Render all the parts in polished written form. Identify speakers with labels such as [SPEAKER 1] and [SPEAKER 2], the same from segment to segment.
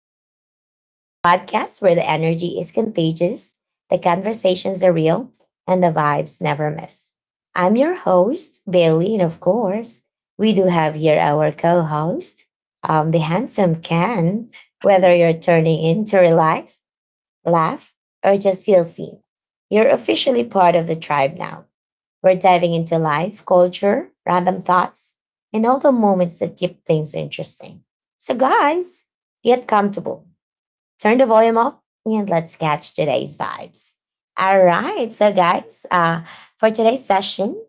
[SPEAKER 1] to the Vibe Tribe, the podcast where the energy is contagious, the conversations are real, and the vibes never miss. I'm your host, Bailey, and of course, we do have here our co host, the handsome Ken. Whether
[SPEAKER 2] Who?
[SPEAKER 1] you're turning in to relax, laugh, or just feel seen, you're officially part of the tribe now. We're diving into life, culture, random thoughts, and all the moments that keep things interesting. So, guys, get comfortable, turn the volume up, and let's catch today's vibes. All right, so, guys, for today's session,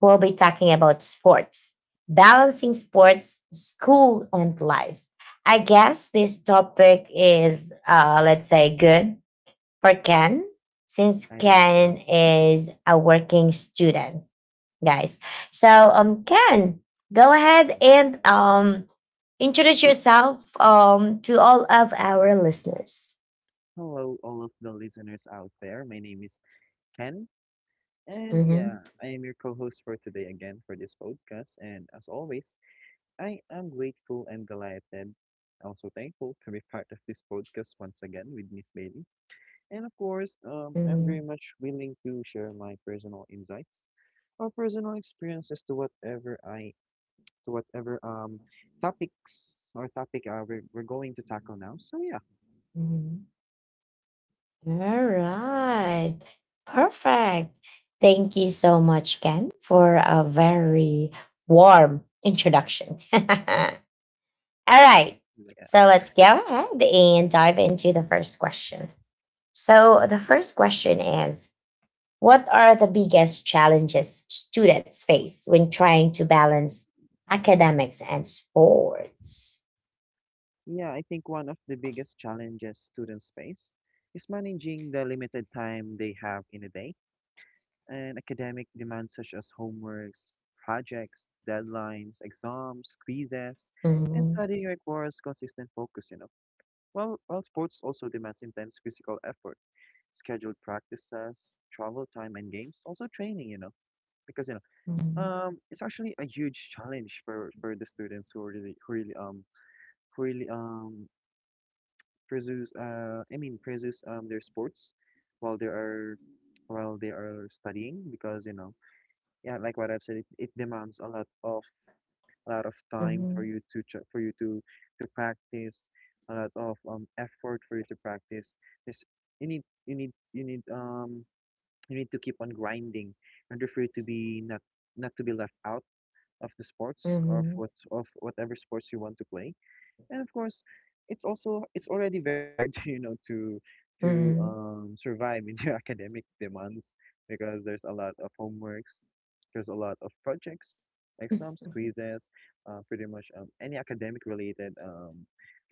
[SPEAKER 1] we'll be talking about sports, balancing sports, school, and life. I guess this topic is, let's say, good for Ken, since
[SPEAKER 2] I don't
[SPEAKER 1] Ken
[SPEAKER 2] know.
[SPEAKER 1] is a working student, guys. So, Ken, go ahead
[SPEAKER 2] Yeah.
[SPEAKER 1] and introduce yourself to all of our listeners.
[SPEAKER 2] Hello, all of the listeners out there. My name is Ken. And
[SPEAKER 1] Mm-hmm,
[SPEAKER 2] yeah, I am your co host for today again for this podcast. And as always, I am grateful and delighted, also thankful to be part of this podcast once again with Miss Bailey. And of course, I'm
[SPEAKER 1] mm-hmm,
[SPEAKER 2] very much willing to share my personal insights or personal experiences to whatever I to whatever topics or topic we're going to tackle now. So yeah.
[SPEAKER 1] mm-hmm. All right. Perfect. Thank you so much, Ken, for a very warm introduction. All right. So, let's go ahead and dive into the first question. So, the first question is, what are the biggest challenges students face when trying to balance academics and sports?
[SPEAKER 2] Yeah, I think one of the biggest challenges students face is managing the limited time they have in a day, and academic demands such as homeworks, projects, deadlines, exams, quizzes, and
[SPEAKER 1] Mhm,
[SPEAKER 2] studying requires consistent focus, you know. While sports also demands intense physical effort, scheduled practices, travel time, and games, also training, you know, because, you know,
[SPEAKER 1] mhm,
[SPEAKER 2] it's actually a huge challenge for the students who really, who really, who really, pursues I mean pursues their sports while they are while they are studying. Because you know, yeah, like what I've said, it demands a lot of time for
[SPEAKER 1] mhm,
[SPEAKER 2] you to to practice, a lot of effort for you to practice. There's, you need you need you need um you need to keep on grinding in order for you to be not to be left out of the sports,
[SPEAKER 1] mhm,
[SPEAKER 2] of whatever sports you want to play. And of course, it's already very hard to, you know, to
[SPEAKER 1] mhm,
[SPEAKER 2] survive in your academic demands, because there's a lot of homeworks, there's a lot of projects, exams, quizzes, pretty much um any academic related um,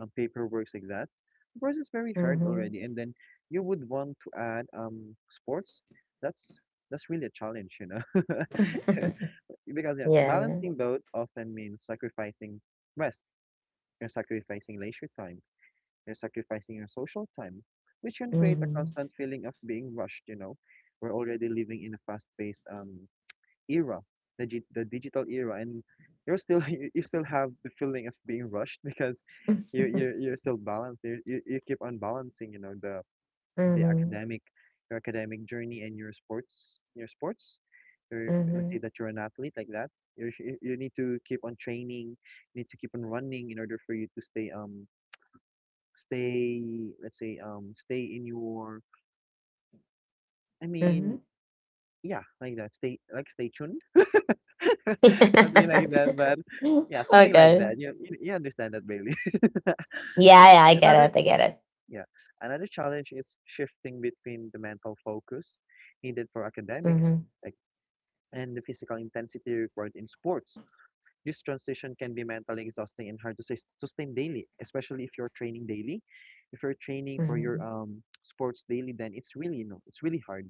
[SPEAKER 2] um paperwork like that. Of course, it's very hard
[SPEAKER 1] mhm.
[SPEAKER 2] already, and then you would want to add sports. That's that's really a challenge, you know. Because
[SPEAKER 1] Yeah,
[SPEAKER 2] yeah,
[SPEAKER 1] yeah.
[SPEAKER 2] balancing both often means sacrificing rest and sacrificing leisure time. You're sacrificing your social time, which can create a
[SPEAKER 1] Mhm,
[SPEAKER 2] constant feeling of being rushed, you know. We're already living in a fast-paced era, the digital era, and you're still you still have the feeling of being rushed because you're still balanced. You keep on balancing, you know, the
[SPEAKER 1] mhm,
[SPEAKER 2] academic, your academic journey and your sports. Your, let's say
[SPEAKER 1] mhm,
[SPEAKER 2] that you're an athlete like that. You need to keep on training, you need to keep on running in order for you to stay stay let's say stay in your i mean
[SPEAKER 1] mhm.
[SPEAKER 2] yeah, like that, stay, like stay tuned, something like that. But yeah, something like
[SPEAKER 1] Okay.
[SPEAKER 2] that. You understand that, Bailey. yeah
[SPEAKER 1] Yeah, yeah, I
[SPEAKER 2] and
[SPEAKER 1] get
[SPEAKER 2] another
[SPEAKER 1] it. I get it.
[SPEAKER 2] yeah, another challenge is shifting between the mental focus needed for academics
[SPEAKER 1] Mhm,
[SPEAKER 2] like and the physical intensity required in sports. This transition can be mentally exhausting and hard to sustain daily, especially if you're training daily. If you're training for your
[SPEAKER 1] mhm,
[SPEAKER 2] sports daily, then it's really, you know, it's really hard.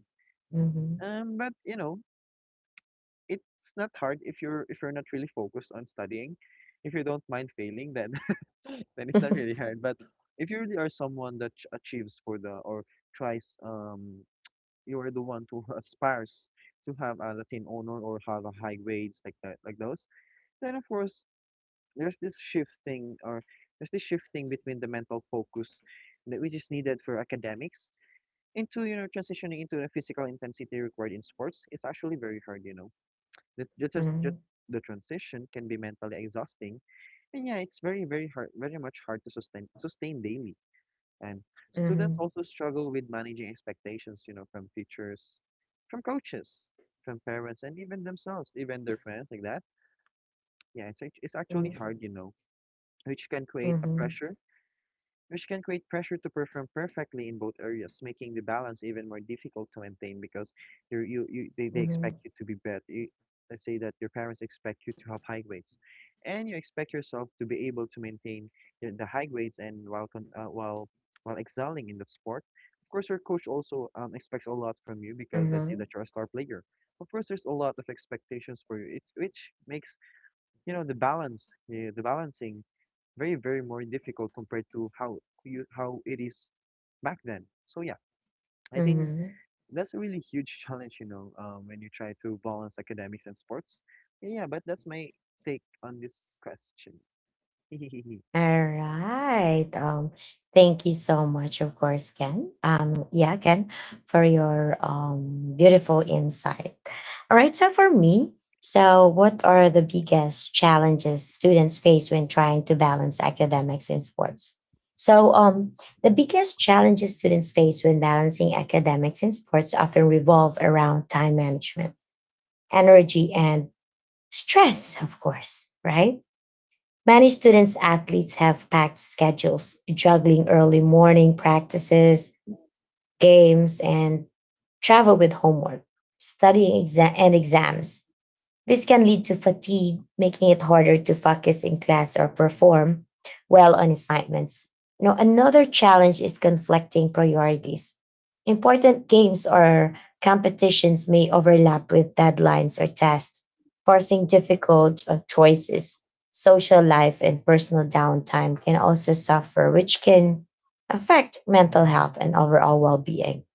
[SPEAKER 1] mhm,
[SPEAKER 2] But you know, it's not hard if you're not really focused on studying. If you don't mind failing, then then it's not really hard. But if you really are someone that achieves for the, or tries, you are the one who aspires to have a Latin honor or have a high grades like that, like those. Then of course there's this shifting or there's this shifting between the mental focus that which is needed for academics into, you know, transitioning into the physical intensity required in sports. It's actually very hard, you know. the, the,
[SPEAKER 1] mhm,
[SPEAKER 2] trans- the,
[SPEAKER 1] mhm,
[SPEAKER 2] the transition can be mentally exhausting, and yeah, it's very very hard, very much hard to sustain daily. And students
[SPEAKER 1] mhm,
[SPEAKER 2] also struggle with managing expectations, you know, from teachers, from coaches, from parents, and even themselves, even their friends like that. Yeah, it's it's actually hard, you know, which can create a
[SPEAKER 1] mhm,
[SPEAKER 2] pressure, which can create pressure to perform perfectly in both areas, making the balance even more difficult to maintain. Because you you they expect
[SPEAKER 1] mhm,
[SPEAKER 2] you to be better. Let's say that your parents expect you to have high grades, and you expect yourself to be able to maintain the high grades, and while con while excelling in the sport. Of course, your coach also expects a lot from you, because let's say
[SPEAKER 1] mhm,
[SPEAKER 2] that you're a star player. Of course, there's a lot of expectations for you. It's which makes, you know, the balance, the balancing very very more difficult compared to how you how it is back then. So yeah, I think
[SPEAKER 1] mhm.
[SPEAKER 2] that's a really huge challenge, you know, when you try to balance academics and sports. Yeah, but that's my take on this question.
[SPEAKER 1] All right. Thank you so much, of course, Ken. Yeah, Ken, for your beautiful insight. All right. So for me, so what are the biggest challenges students face when trying to balance academics and sports? So, the biggest challenges students face when balancing academics and sports often revolve around time management, energy, and stress, of course, right? Many students athletes have packed schedules, juggling early morning practices, games, and travel with homework, studying and exams. This can lead to fatigue, making it harder to focus in class or perform well on assignments. Now, another challenge is conflicting priorities. Important games or competitions may overlap with deadlines or tasks, forcing difficult choices. Social life and personal downtime can also suffer, which can affect mental health and overall well being.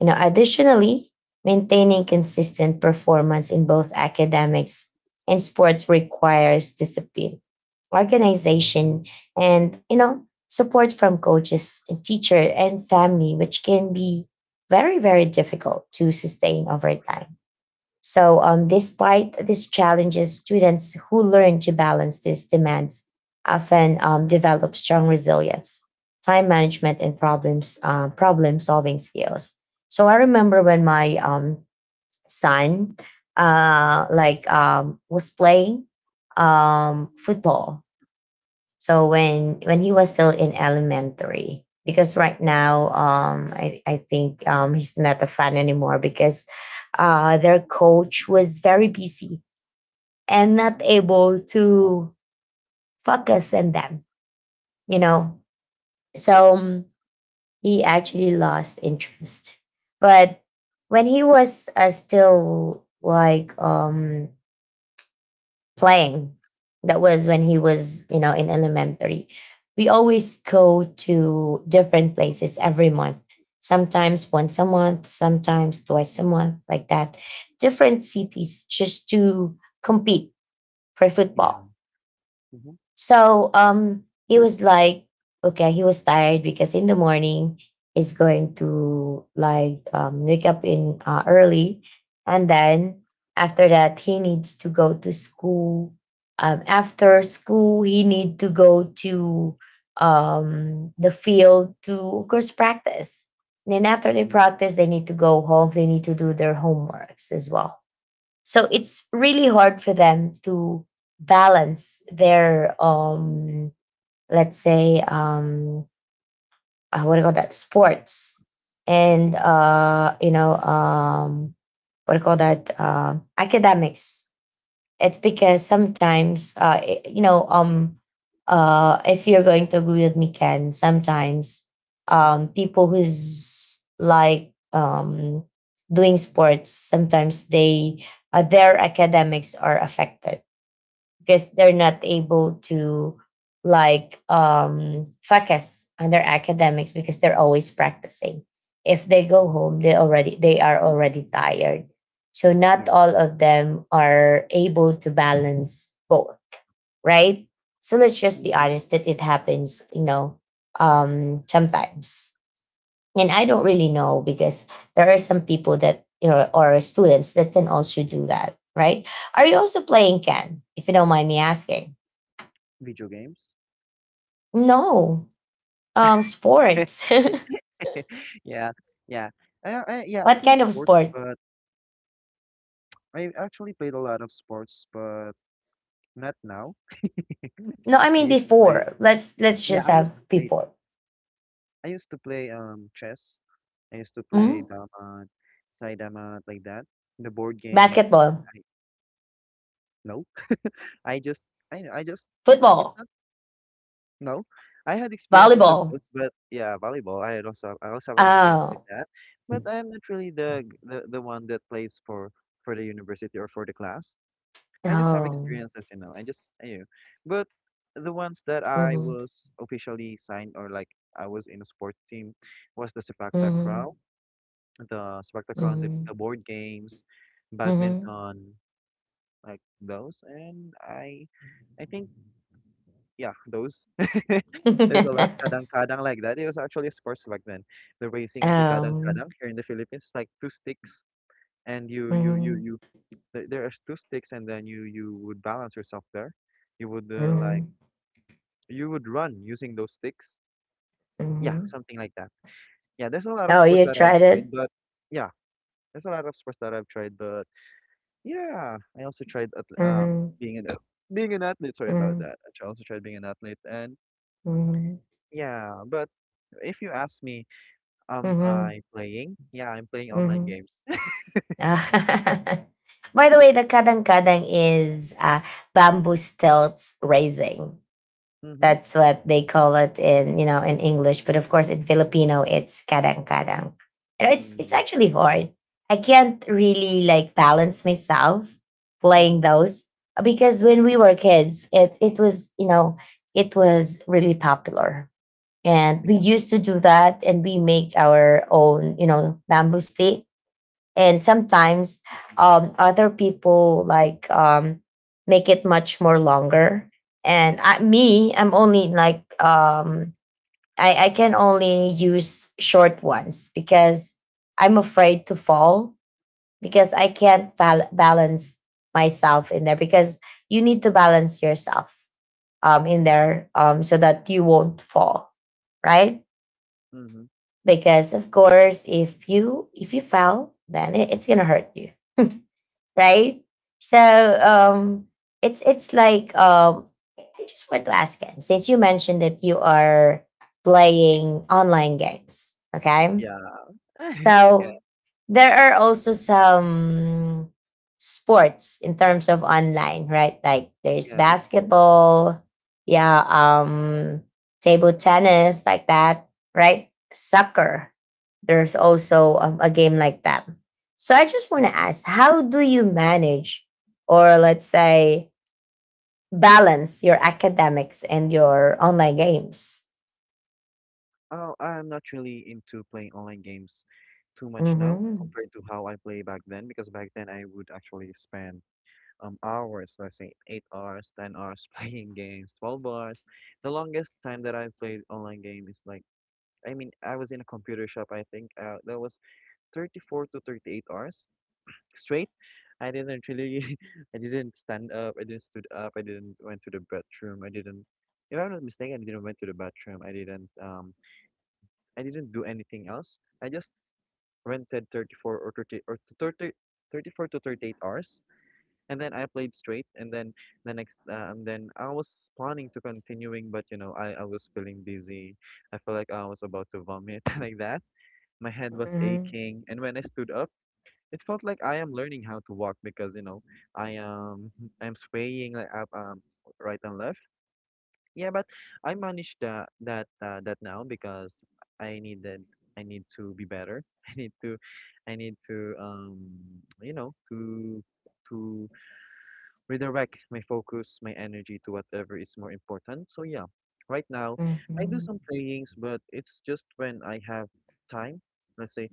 [SPEAKER 1] You know, additionally, maintaining consistent performance in both academics and sports requires discipline, organization, and, support from coaches, and teacher, and family, which can be very, very difficult to sustain over time. So, despite these challenges, students who learn to balance these demands often develop strong resilience, time management, and problem solving skills. So, I remember when my son, like, was playing, football, so when he was still in elementary, because right now, I think he's not a fan anymore because their coach was very busy and not
[SPEAKER 2] Mm-hmm.
[SPEAKER 1] able to focus on them. You know, so, he actually lost interest. But when he was, still like playing. That was when he was, in elementary. We always go to different places every month. Sometimes once a month, sometimes twice a month, like that. Different cities just to compete for
[SPEAKER 2] Yeah.
[SPEAKER 1] football,
[SPEAKER 2] Hmm.
[SPEAKER 1] so he was like, okay, he was tired because in the morning he's going to like wake up in early, and then after that he needs to go to school. After school he need to go to the field to of course practice. And then after they
[SPEAKER 2] Yeah.
[SPEAKER 1] practice, they need to go home. They need to do their homeworks as well. So it's really hard for them to balance their let's say, what do you call that, sports, and what do you call that, academics. It's because sometimes, if you're going to agree with me, Ken, sometimes,
[SPEAKER 2] Hmm.
[SPEAKER 1] people who's like doing sports, sometimes they their academics are affected because they're not able to like focus on their academics because they're always practicing. If they go home, they are already tired, so not
[SPEAKER 2] Yeah.
[SPEAKER 1] all of them are able to balance both, right? So let's just be
[SPEAKER 2] Mm-hmm.
[SPEAKER 1] honest that it happens, sometimes. And I don't really know because there are some people that, or students that can also do that, right? Are you also playing, Ken, if you don't mind me asking?
[SPEAKER 2] Video games.
[SPEAKER 1] No. Sports.
[SPEAKER 2] Yeah. Yeah, I yeah, I
[SPEAKER 1] What
[SPEAKER 2] play
[SPEAKER 1] kind of
[SPEAKER 2] sports.
[SPEAKER 1] sport?
[SPEAKER 2] But I actually played a lot of sports, but not now.
[SPEAKER 1] No, I
[SPEAKER 2] I
[SPEAKER 1] mean
[SPEAKER 2] used to play
[SPEAKER 1] before. Let's
[SPEAKER 2] Yeah,
[SPEAKER 1] just
[SPEAKER 2] I
[SPEAKER 1] have
[SPEAKER 2] used to play.
[SPEAKER 1] before.
[SPEAKER 2] I used to play chess. I used to play
[SPEAKER 1] Mhm.
[SPEAKER 2] damat, sai damat, like that. The board games.
[SPEAKER 1] Basketball,
[SPEAKER 2] I, no, I just I I just I, it's
[SPEAKER 1] football,
[SPEAKER 2] not no. I had experiences of
[SPEAKER 1] volleyball.
[SPEAKER 2] those, but yeah, volleyball. I also have an experience with
[SPEAKER 1] Oh,
[SPEAKER 2] that, but I'm not really the one that plays for the university or for the class. I just have
[SPEAKER 1] oh.
[SPEAKER 2] experiences, you know. I just, I, but The ones that I
[SPEAKER 1] Mm-hmm.
[SPEAKER 2] was officially signed, or like, I was in a sport team, was
[SPEAKER 1] Mm-hmm.
[SPEAKER 2] The Sepak Takraw, and
[SPEAKER 1] Mm-hmm.
[SPEAKER 2] the board games, badminton, like those. And I think Yeah, those. There's
[SPEAKER 1] Mm-hmm.
[SPEAKER 2] a lot kadang-kadang like that. It was actually sports back then. The racing of the
[SPEAKER 1] um.
[SPEAKER 2] kadang-kadang here in the Philippines, is like two sticks, and
[SPEAKER 1] Mm-hmm.
[SPEAKER 2] there are two sticks and then you would balance yourself there. You would like,
[SPEAKER 1] Mm-hmm.
[SPEAKER 2] you would run using those sticks. Yeah,
[SPEAKER 1] Mm-hmm.
[SPEAKER 2] something like that. Yeah there's a lot of
[SPEAKER 1] Oh,
[SPEAKER 2] sports
[SPEAKER 1] you
[SPEAKER 2] that I've
[SPEAKER 1] tried it?
[SPEAKER 2] tried but Yeah, there's a lot of sports that I've tried. But yeah, I also tried
[SPEAKER 1] Hmm.
[SPEAKER 2] being an athlete sorry about
[SPEAKER 1] Hmm.
[SPEAKER 2] that. I also tried being an athlete. And
[SPEAKER 1] Hmm.
[SPEAKER 2] yeah, but if you ask me,
[SPEAKER 1] Hmm.
[SPEAKER 2] I playing yeah, I'm playing online
[SPEAKER 1] Hmm.
[SPEAKER 2] games.
[SPEAKER 1] By the way, the kadang kadang is, bamboo stilts raising.
[SPEAKER 2] Mm-hmm.
[SPEAKER 1] That's what they call it in you know in English, but of course in Filipino it's kadang kadang. You know, it's
[SPEAKER 2] Mm, yeah.
[SPEAKER 1] actually hard. I can't really like balance myself playing
[SPEAKER 2] Mm-hmm.
[SPEAKER 1] those, because when we were kids, it was really popular. And we
[SPEAKER 2] Yeah,
[SPEAKER 1] used to do that, and we make our own, bamboo stick. And sometimes, other people like make it much more longer. And I'm only like, I can only use short ones because I'm afraid to fall because I can't balance myself in there, because you need to balance yourself in
[SPEAKER 2] yeah.
[SPEAKER 1] there, so that you won't fall, right?
[SPEAKER 2] Mm-hmm.
[SPEAKER 1] Because of course, if you fail, then it's gonna hurt you, right? So, um it's like, I just want to ask him, since you mentioned that you are playing online games. Okay.
[SPEAKER 2] Yeah. Yeah.
[SPEAKER 1] So there are also some sports in terms of online, right? Like there's
[SPEAKER 2] Yeah, it's sports.
[SPEAKER 1] basketball, yeah, table tennis, like that, right? Soccer. There's also, a game like that. So I just want to
[SPEAKER 2] Mhm.
[SPEAKER 1] ask, how do you manage, or let's say, balance your academics and your online games?
[SPEAKER 2] Oh, I'm not really into playing online games too much now
[SPEAKER 1] Mm-hmm.
[SPEAKER 2] compared to how I play back then, because back then I would actually spend hours, let's say 8 hours, 10 hours, playing games, 12 hours. The longest time that I've played online game is like, I mean, I was in a computer shop, I think, that was 34 to 38 hours straight. I didn't really I didn't went to the bathroom, I didn't if I'm not mistaken, I didn't went to the bathroom. I didn't do anything else. I just rented 34 or 30 or to 30, 34 to 38 hours, and then I played straight. And then I was planning to continuing, but you know, I was feeling dizzy. I felt like I was about to vomit like that. My head was
[SPEAKER 1] Mm-hmm.
[SPEAKER 2] aching, and when I stood up, it felt like I am learning how to walk, because you know, I am I am swaying like up right and left. Yeah, but I managed that now, because I needed I need to be better. I need to I need to You know, to redirect my focus, my energy, to whatever is more important. So yeah, right now I do
[SPEAKER 1] Mm-hmm.
[SPEAKER 2] some playings, but it's just when I have time. Let's say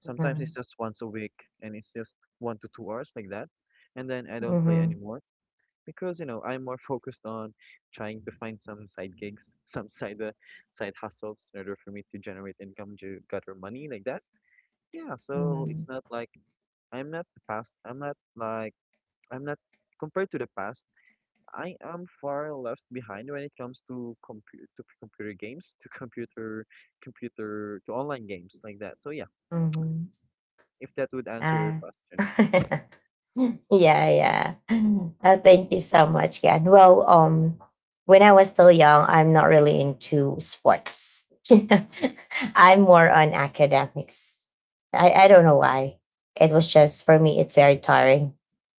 [SPEAKER 2] sometimes
[SPEAKER 1] Mm-hmm.
[SPEAKER 2] it's just once a week, and it's just 1 to 2 hours like that, and then I don't play
[SPEAKER 1] Mm-hmm.
[SPEAKER 2] anymore, because you know, I'm more focused on trying to find some side gigs, some side side hustles in order for me to generate income, to gather money like that. Yeah, so it's
[SPEAKER 1] 嗯，
[SPEAKER 2] not like I'm not the past. I'm not like I'm not compared to the past, I am far left behind when it comes to computer games, to computer computer to online games like that. So yeah,
[SPEAKER 1] 嗯哼。
[SPEAKER 2] if that would answer your
[SPEAKER 1] Ah.
[SPEAKER 2] question.
[SPEAKER 1] Yeah, yeah. Thank you so much, Ken. Well, when I was still young, I'm not really into sports. You know,
[SPEAKER 2] Yeah.
[SPEAKER 1] I'm more on academics. I don't know why. It was just for me, it's very tiring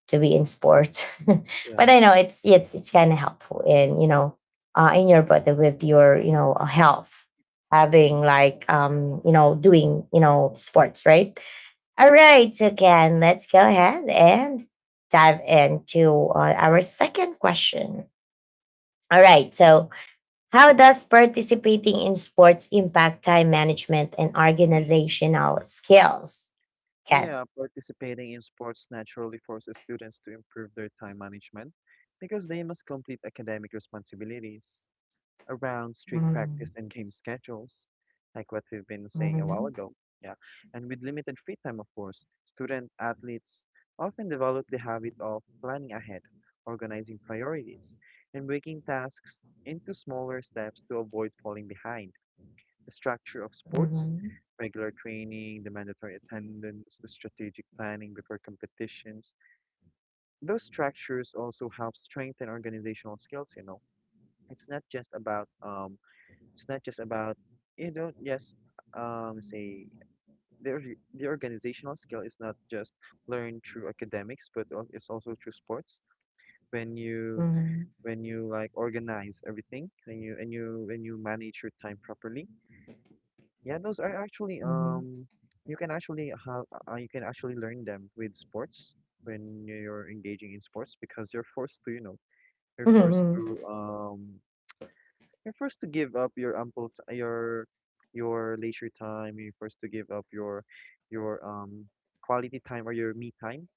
[SPEAKER 1] to be in sports. But
[SPEAKER 2] Yeah.
[SPEAKER 1] I know it's kind of helpful, in your body, with your, health, having like doing, sports, right? All right, again, let's go ahead and dive into, our second question. All right, so how does participating in sports impact time management and organizational skills? Ken.
[SPEAKER 2] Yeah, participating in sports naturally forces students to improve their time management, because they must complete academic responsibilities around strict practice
[SPEAKER 1] Mhm,
[SPEAKER 2] and game schedules, like what we've been saying a while
[SPEAKER 1] mhm,
[SPEAKER 2] ago. Yeah, and with limited free time, of course, student athletes often develop the habit of planning ahead, organizing priorities, and breaking tasks into smaller steps to avoid falling behind the structure of sports,
[SPEAKER 1] mhm,
[SPEAKER 2] regular training, the mandatory attendance, the strategic planning before competitions. Those structures also help strengthen organizational skills, you know. It's not just about um it's not just about you don't just say The the organizational skill is not just learned through academics, but it's also through sports when you
[SPEAKER 1] mhm,
[SPEAKER 2] when you like organize everything, when you manage your time properly. Yeah, those are actually you can actually have you can actually learn them with sports when you're engaging in sports because you're forced to, you know, you're
[SPEAKER 1] mhm,
[SPEAKER 2] forced
[SPEAKER 1] mhm,
[SPEAKER 2] to um you're forced to give up your ample t your leisure time, you're forced to give up your quality time or your me time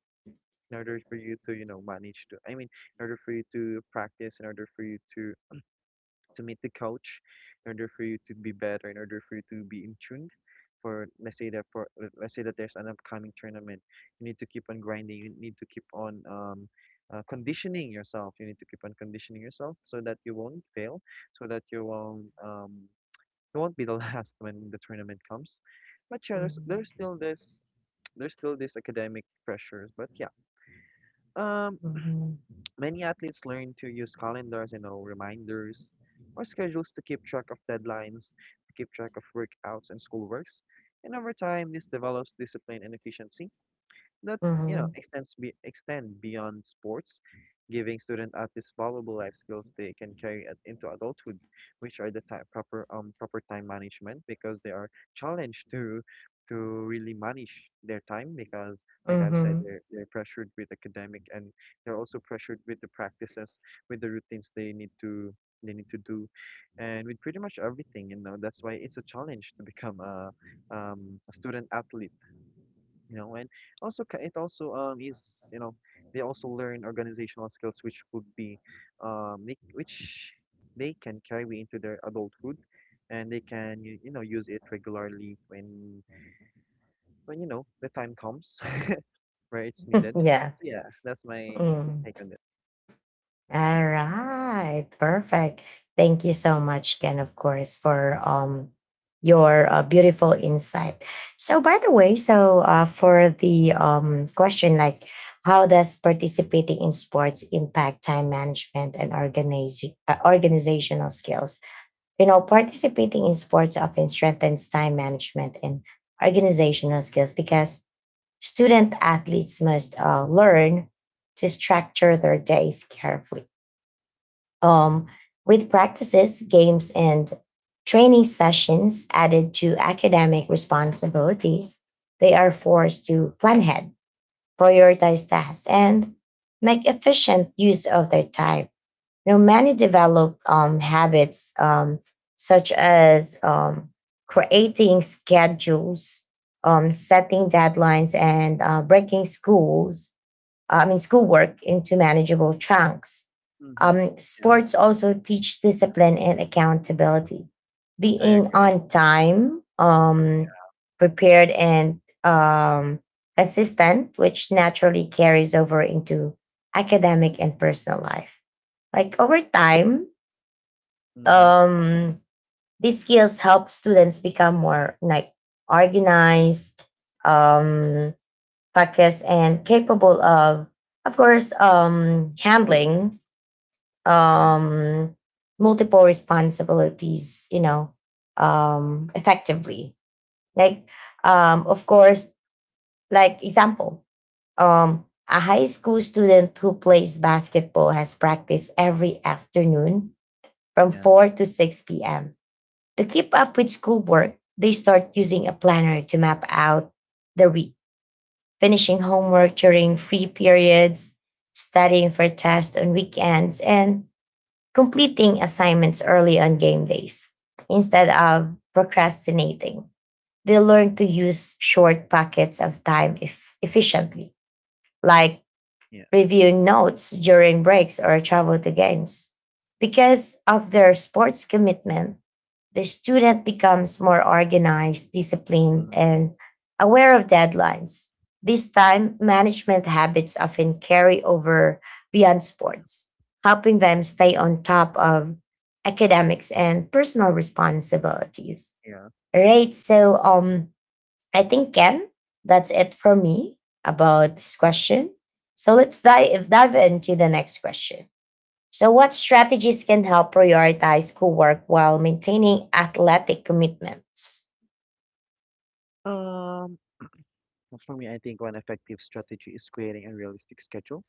[SPEAKER 2] in order for you to, you know, manage to I mean, in order for you to practice, in order for you to meet the coach, in order for you to be better, in order for you to be in tuned. For let's say that for let- us say that there's an upcoming tournament. You need to keep on grinding. You need to keep on conditioning yourself. You need to keep on conditioning yourself so that you won't fail, so that you won't be the last when the tournament comes. But yeah, there's still this academic pressures. But yeah. Um
[SPEAKER 1] mhm, mhm,
[SPEAKER 2] Many athletes learn to use calendars, you know, reminders or schedules to keep track of deadlines, to keep track of workouts and schoolworks. And over time, this develops discipline and efficiency that, you know,
[SPEAKER 1] mhm,
[SPEAKER 2] extends be extend beyond sports, giving student at valuable life skills they can carry into adulthood, which are the time, proper time management, because they are challenged to really manage their time because, like I've said,
[SPEAKER 1] mhm.
[SPEAKER 2] they're pressured with academic, and they're also pressured with the practices, with the routines they need to do, and with pretty much everything, you know. That's why it's a challenge to become a student athlete, you know. And also, it also is you know, they also learn organizational skills, which would be make, which they can carry into their adulthood, and they can you know use it regularly when, the time comes where it's needed.
[SPEAKER 1] Yeah.
[SPEAKER 2] So yeah, that's my
[SPEAKER 1] Mm.
[SPEAKER 2] take on this.
[SPEAKER 1] All right, perfect. Thank you so much, Ken, of course, for your, beautiful insight. So, by the way, so, for the question, like, how does participating in sports impact time management and organize organizational skills? You know, participating in sports often strengthens time management and organizational skills because student athletes must, learn to structure their days carefully, um, with practices, games, and training sessions added to academic responsibilities. They are forced to plan ahead, prioritize tasks, and make efficient use of their time. Now, many develop habits, such as creating schedules, setting deadlines, and breaking schools I mean, schoolwork into manageable chunks.
[SPEAKER 2] Mm-hmm. Yeah,
[SPEAKER 1] Sports also teach discipline and accountability.
[SPEAKER 2] I
[SPEAKER 1] Being
[SPEAKER 2] agree.
[SPEAKER 1] on time, prepared, and consistent, which naturally carries over into academic and personal life. Like over time,
[SPEAKER 2] Yeah. Mm-hmm.
[SPEAKER 1] um, these skills help students become more like organized, um, practiced and capable of course, handling
[SPEAKER 2] Yeah,
[SPEAKER 1] um, multiple responsibilities, effectively. Like, of course, like example, a high school student who plays basketball has practiced every afternoon from
[SPEAKER 2] yeah,
[SPEAKER 1] 4 to 6 p.m. To keep up with schoolwork, they start using a planner to map out the week, finishing homework during free periods, studying for tests on weekends, and completing assignments early on game days instead of procrastinating. They learn to use short pockets of time efficiently, like
[SPEAKER 2] yeah.
[SPEAKER 1] reviewing notes during breaks or travel to games. Because of their sports commitment, the student becomes more organized, disciplined,
[SPEAKER 2] Mm-hmm.
[SPEAKER 1] and aware of deadlines. This time, management habits often carry over beyond sports, helping them stay on top of academics and personal responsibilities.
[SPEAKER 2] Yeah.
[SPEAKER 1] All right. So, I think, Ken, that's it for
[SPEAKER 2] Mhm.
[SPEAKER 1] me about this
[SPEAKER 2] Yeah.
[SPEAKER 1] question. So let's dive into the next question. So, what strategies can help prioritize schoolwork while maintaining athletic commitments?
[SPEAKER 2] um for me, I think one effective strategy is creating a realistic schedule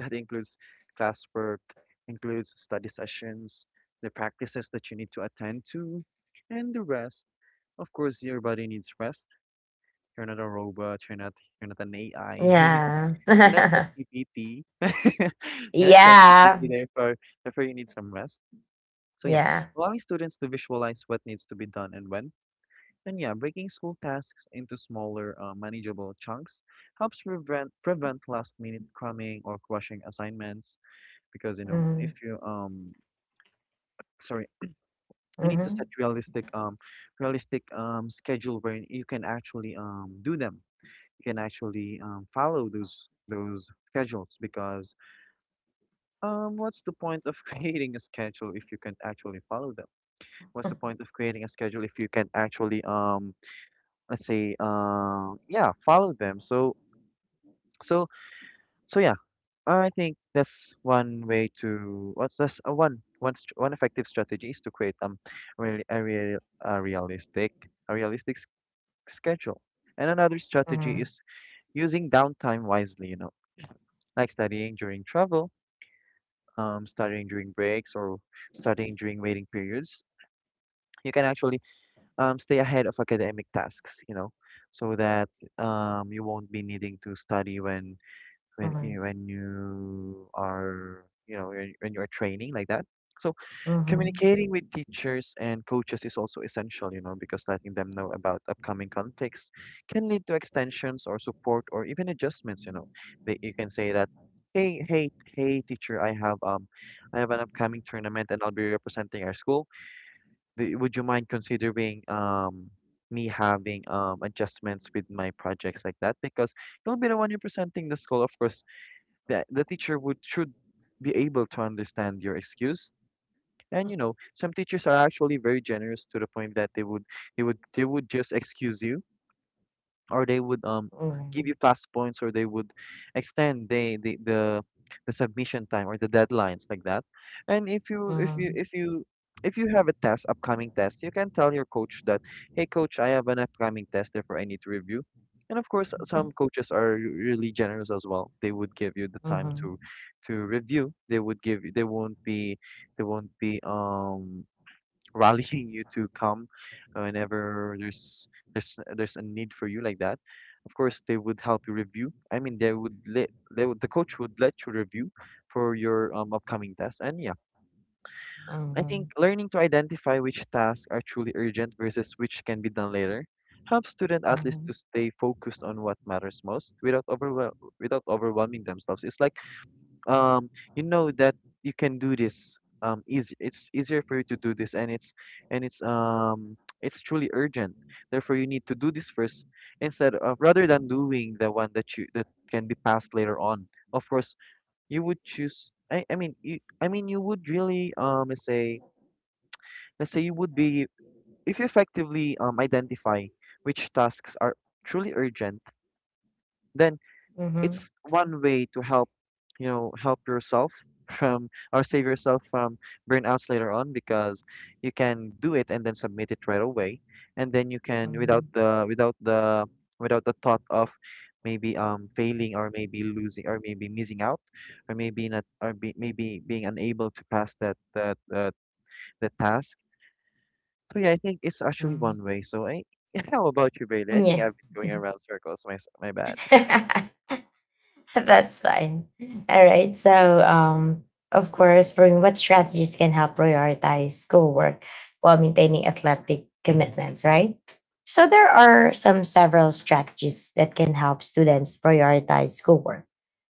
[SPEAKER 2] that includes classwork, includes study sessions, the practices that you need to attend to, and the rest. Of course, your body needs rest. You're not a robot. You're not. You're not an AI.
[SPEAKER 1] Yeah.
[SPEAKER 2] You're not ChatGPT. You're not ChatGPT.
[SPEAKER 1] Yeah.
[SPEAKER 2] Therefore, you need some rest. So yeah,
[SPEAKER 1] Yeah.
[SPEAKER 2] allowing students to visualize what needs to be done and when, and yeah, breaking school tasks into smaller, manageable chunks helps prevent last minute cramming or crushing assignments. Because, you know,
[SPEAKER 1] Mm-hmm.
[SPEAKER 2] if you sorry, you need to
[SPEAKER 1] Mm-hmm.
[SPEAKER 2] set realistic schedule wherein you can actually do them. You can actually follow those schedules, because, um, what's the point of creating a schedule if you can't actually follow them? What's the point of creating a schedule if you can't actually let's say, yeah, follow them. So so so yeah, I think that's one way to what's that's One effective strategy is to create really a real a realistic, a realistic schedule. And another
[SPEAKER 1] Mm-hmm.
[SPEAKER 2] strategy is using downtime wisely, you know, like studying during travel, studying during breaks, or studying during waiting periods. You can actually stay ahead of academic tasks, you know, so that you won't be needing to study
[SPEAKER 1] Mm-hmm.
[SPEAKER 2] when you are, you know, when you are training like that. So,
[SPEAKER 1] Mm-hmm.
[SPEAKER 2] communicating with teachers and coaches is also essential, you know, because letting them know about upcoming conflicts can lead to extensions or support or even adjustments, you know, that you can say that, hey, hey, hey teacher, I have I have an upcoming tournament and I'll be representing our school. Would you mind considering me having adjustments with my projects, like that? Because you'll be the one representing the school. Of course, the teacher would should be able to understand your excuse. And you know, some teachers are actually very generous to the point that they would, they would just excuse you, or they would give you plus points, or they would extend the the submission time or the deadlines like that. And if you, if you, if you have a test, upcoming test, you can tell your coach that, hey coach, I have an upcoming test, therefore I need to review. And of course, some coaches are really generous as well. They would give you the
[SPEAKER 1] Mm-hmm.
[SPEAKER 2] time
[SPEAKER 1] Mm-hmm.
[SPEAKER 2] to review. They would give you, they won't be, they won't be rallying you to come whenever there's a need for you like that. Of course, they would help you review. I mean, they would let they would, the coach would let you review for your upcoming tasks. And yeah, I think learning to identify which tasks are truly urgent versus which can be done later helps student athletes
[SPEAKER 1] Mm-hmm.
[SPEAKER 2] to stay focused on what matters most without without overwhelming themselves. It's like um you know that you can do this easy, it's easier for you to do this, and it's it's truly urgent, therefore you need to do this first, instead of rather than doing the one that you that can be passed later on. Of course, you would choose, I mean, you would really let's say, let's say you would be, if you effectively identify which tasks are truly urgent, then
[SPEAKER 1] Mm-hmm.
[SPEAKER 2] it's one way to help, you know, help yourself from, or save yourself from burnouts later on, because you can do it and then submit it right away. And then you can, without the, without the thought of maybe failing or maybe losing or maybe missing out, or maybe not, or be, maybe being unable to pass that that that the task. So yeah, I think it's actually one way. So I, how about you, Bailey? I
[SPEAKER 1] Mm-hmm.
[SPEAKER 2] think
[SPEAKER 1] Yeah.
[SPEAKER 2] I've been going around circles. My bad.
[SPEAKER 1] That's fine. All right. So, of course, for me, what strategies can help prioritize schoolwork while maintaining athletic commitments, right? So, there are some several strategies that can help students prioritize schoolwork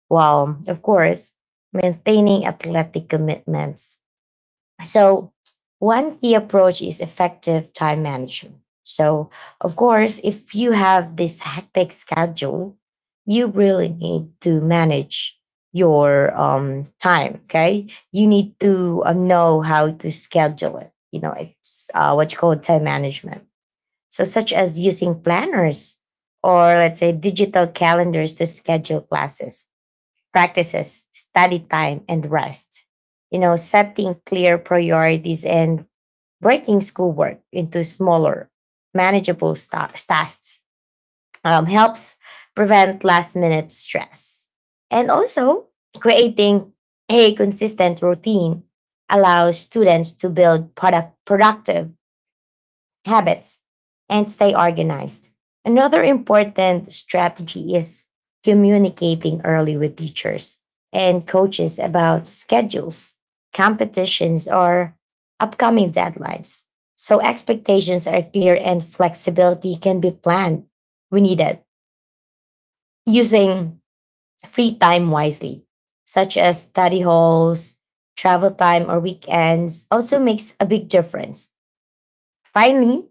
[SPEAKER 1] while, of course, maintaining athletic commitments. So, one key approach is effective time management. So, of course, if you have this hectic schedule, you really need to manage your, time. Okay. You need to know how to schedule it. You know, it's what you call time management. So, such as using planners or let's say digital calendars to schedule classes practices, study time, and rest. You know, setting clear priorities and breaking schoolwork into smaller, manageable tasks helps prevent last minute stress. And also, creating a consistent routine allows students to build productive habits and stay organized. Another important strategy is communicating early with teachers and coaches about schedules, competitions, or upcoming deadlines. So expectations are clear and flexibility can be planned when needed using free time wisely, such as study halls, travel time, or weekends, also makes a big difference. Finally,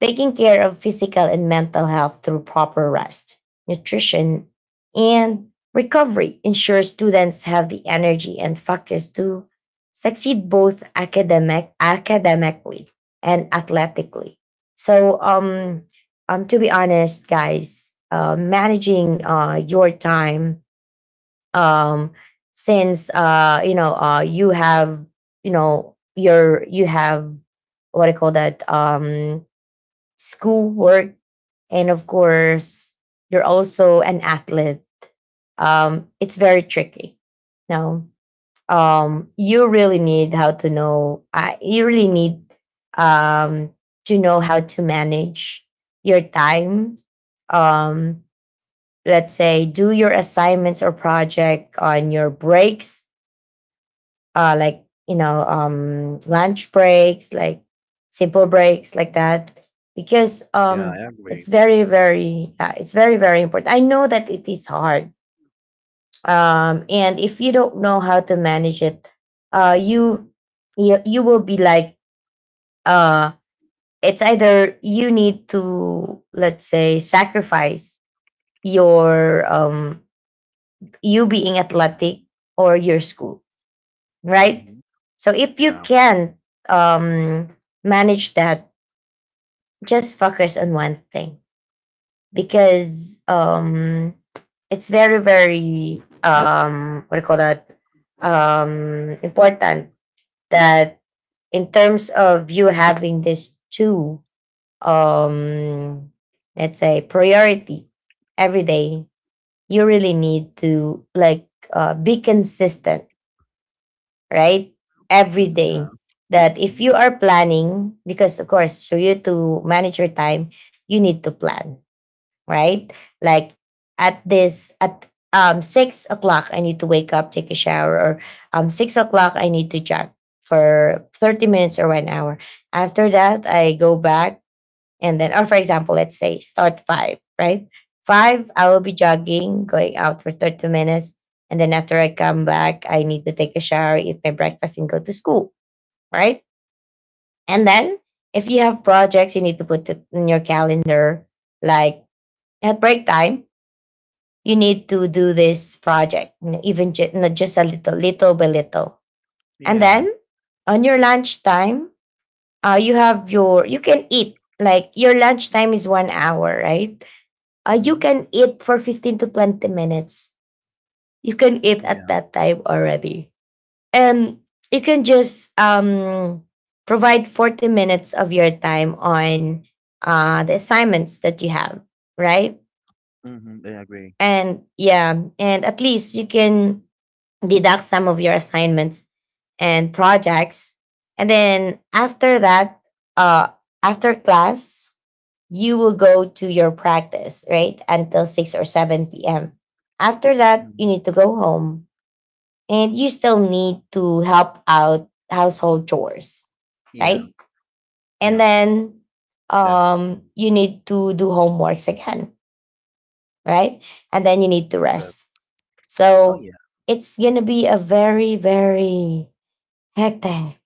[SPEAKER 1] taking care of physical and mental health through proper rest, nutrition, and recovery ensures students have the energy and focus to succeed both academically and athletically. So, um, to be honest, guys, managing your time um, since you know you have you have what I call that school work, and of course you're also an athlete. It's very tricky, no? You really need how to know you really need um to know how to manage your time. um let's say, do your assignments or project on your breaks, like you know, lunch breaks, like simple breaks like that, because
[SPEAKER 2] Yeah, I agree.
[SPEAKER 1] it's very very important. I know that it is hard, and if you don't know how to manage it, uh, you you will be like, uh, it's either you need to, let's say, sacrifice your um, you being athletic, or your school, right?
[SPEAKER 2] Hmm.
[SPEAKER 1] So if you
[SPEAKER 2] Yeah.
[SPEAKER 1] can um, manage that, just focus on one thing, because it's very, very, what do you call that? Important that, in terms of you having these two, um, let's say, priority every day, you really need to like be consistent, right? Every
[SPEAKER 2] Mm,
[SPEAKER 1] day.
[SPEAKER 2] yeah.
[SPEAKER 1] That if
[SPEAKER 2] Mhm.
[SPEAKER 1] you are planning, because of course, for you to manage your time, you need to plan, right? Like at this, at 6 o'clock, I need to wake up, take a shower, or 6 o'clock, I need to jog for 30 minutes or 1 hour. After that, I go back and then, or for example, let's say start five, right? Five, I will be jogging, going out for 30 minutes. And then after I come back, I need to take a shower, eat my breakfast, and go to school, right? And then if you have projects, you need to put it in your calendar. Like at break time, you need to do this project, you know, not just a little, little by little. And
[SPEAKER 2] Yeah.
[SPEAKER 1] then on your lunchtime, you have you can eat. Like your lunchtime is 1 hour, right? You
[SPEAKER 2] Mhm.
[SPEAKER 1] can eat for 15 to 20 minutes. You can eat at
[SPEAKER 2] Yeah.
[SPEAKER 1] that time already. And you can just provide 40 minutes of your time on the assignments that you have, right?
[SPEAKER 2] Mhm. I agree.
[SPEAKER 1] And yeah, and at least you can deduct some of your assignments and projects. And then after that, uh, after class, you will go to your practice, right? Until 6 or 7 p.m. After that, you
[SPEAKER 2] Mhm.
[SPEAKER 1] need to go home and you still need to help out household chores,
[SPEAKER 2] Yeah.
[SPEAKER 1] right? And
[SPEAKER 2] Yeah.
[SPEAKER 1] then
[SPEAKER 2] Left.
[SPEAKER 1] you need to do homeworks again, right? And then you need to
[SPEAKER 2] Left.
[SPEAKER 1] rest.
[SPEAKER 2] Oh
[SPEAKER 1] So
[SPEAKER 2] yeah.
[SPEAKER 1] it's going to be a very, very hectic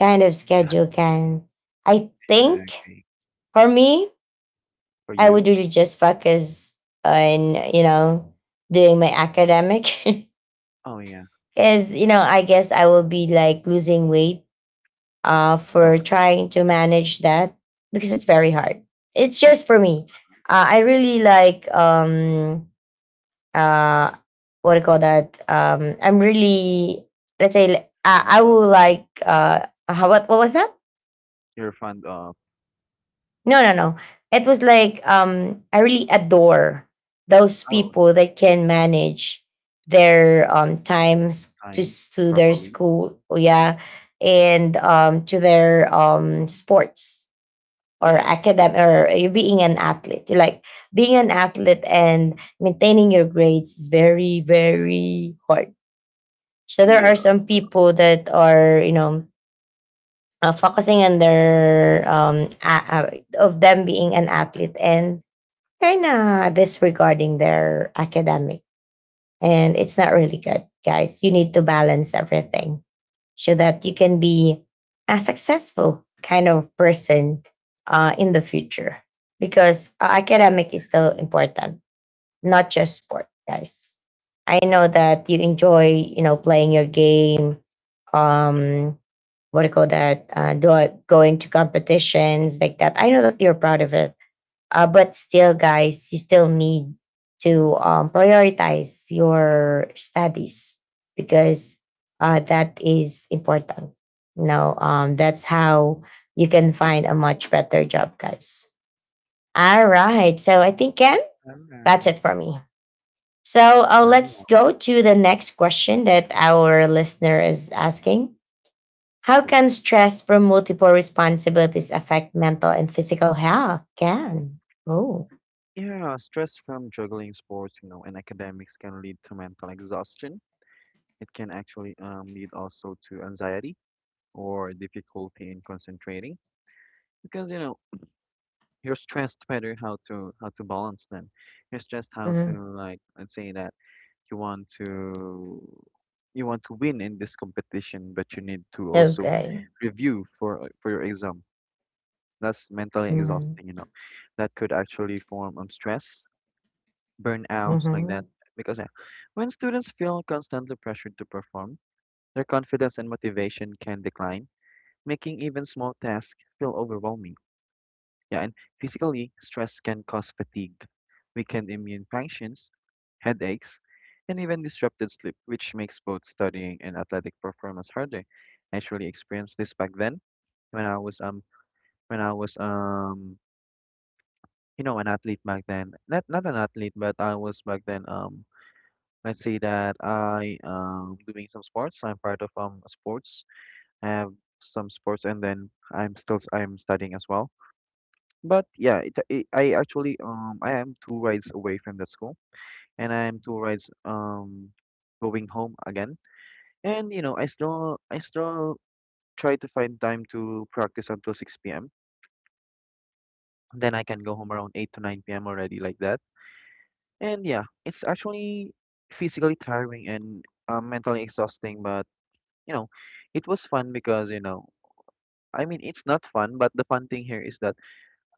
[SPEAKER 1] kind of
[SPEAKER 2] Yeah.
[SPEAKER 1] schedule can. I
[SPEAKER 2] Yeah, I
[SPEAKER 1] think
[SPEAKER 2] agree.
[SPEAKER 1] for me,
[SPEAKER 2] For
[SPEAKER 1] I would
[SPEAKER 2] you?
[SPEAKER 1] really just focus on, you know, doing my academic.
[SPEAKER 2] Oh yeah.
[SPEAKER 1] Because, you know, I guess
[SPEAKER 2] Yeah.
[SPEAKER 1] I will be like losing weight
[SPEAKER 2] Oh,
[SPEAKER 1] for trying to manage that because it's very hard. It's just for me. I really like, uh, what do you call that? I'm really, let's say, like,
[SPEAKER 2] fund
[SPEAKER 1] I
[SPEAKER 2] up.
[SPEAKER 1] will like, what was that?
[SPEAKER 2] You're fund up.
[SPEAKER 1] No, no, no. It was like, I really adore those
[SPEAKER 2] Oh,
[SPEAKER 1] people that can manage their times
[SPEAKER 2] time
[SPEAKER 1] to their
[SPEAKER 2] properly.
[SPEAKER 1] school, yeah, and to their sports or
[SPEAKER 2] Yeah.
[SPEAKER 1] academic, or you being an athlete. You like being an athlete and maintaining your grades is very very hard. So there are
[SPEAKER 2] Yeah.
[SPEAKER 1] some people that are, you know, focusing on their of them being an athlete and kind of disregarding their academic, and it's not really good, guys. You need to balance everything so that you can be a successful kind of person in the future, because academic is still
[SPEAKER 2] True.
[SPEAKER 1] important, not just sport, guys. I know that you enjoy, you know, playing your game. um what do you call that, going to competitions like that? I know that you're proud of it, but still, guys, you still need to prioritize your studies, because that is important. You know, that's how you can find a much better job, guys. All right. So I think, Ken, that's it
[SPEAKER 2] Alright.
[SPEAKER 1] for me. So let's
[SPEAKER 2] Wow.
[SPEAKER 1] go to the next question that our listener is asking. How
[SPEAKER 2] Sure.
[SPEAKER 1] can stress from multiple responsibilities affect mental and physical health? Ken, Oh.
[SPEAKER 2] Yeah. Stress from juggling sports, you know, and academics can lead to mental exhaustion. It can actually lead also to anxiety or difficulty in concentrating, because, you know, here's just better how to balance them. Here's just how to,
[SPEAKER 1] Mm-hmm.
[SPEAKER 2] like, let's say that you want to, you want to win in this competition, but you need to also
[SPEAKER 1] Okay.
[SPEAKER 2] review for your exam. That's mentally exhausting, you
[SPEAKER 1] Mm-hmm.
[SPEAKER 2] know. That could actually form stress, burnouts like
[SPEAKER 1] Mm-hmm.
[SPEAKER 2] that. Because when students feel constantly pressured to perform, their confidence and motivation can decline, making even small tasks feel overwhelming. Yeah, and physically, stress can cause fatigue, weakened immune functions, headaches, and even disrupted sleep, which makes both studying and athletic performance harder. I actually experienced this back then when I was um when I was you know, an athlete back then. Not an athlete, but I was back then let's say that I doing some sports. I'm part of sports. I have some sports, and then I'm still I'm studying as well. But yeah, I actually I am two rides away from that school, and I am two rides going home again. And you know, I still try to find time to practice until 6 p.m. Then I can go home around 8 to 9 p.m. already like that. And yeah, it's actually physically tiring and mentally exhausting. But you know, it was fun, because, you know, I mean, it's not fun, but the fun thing here is that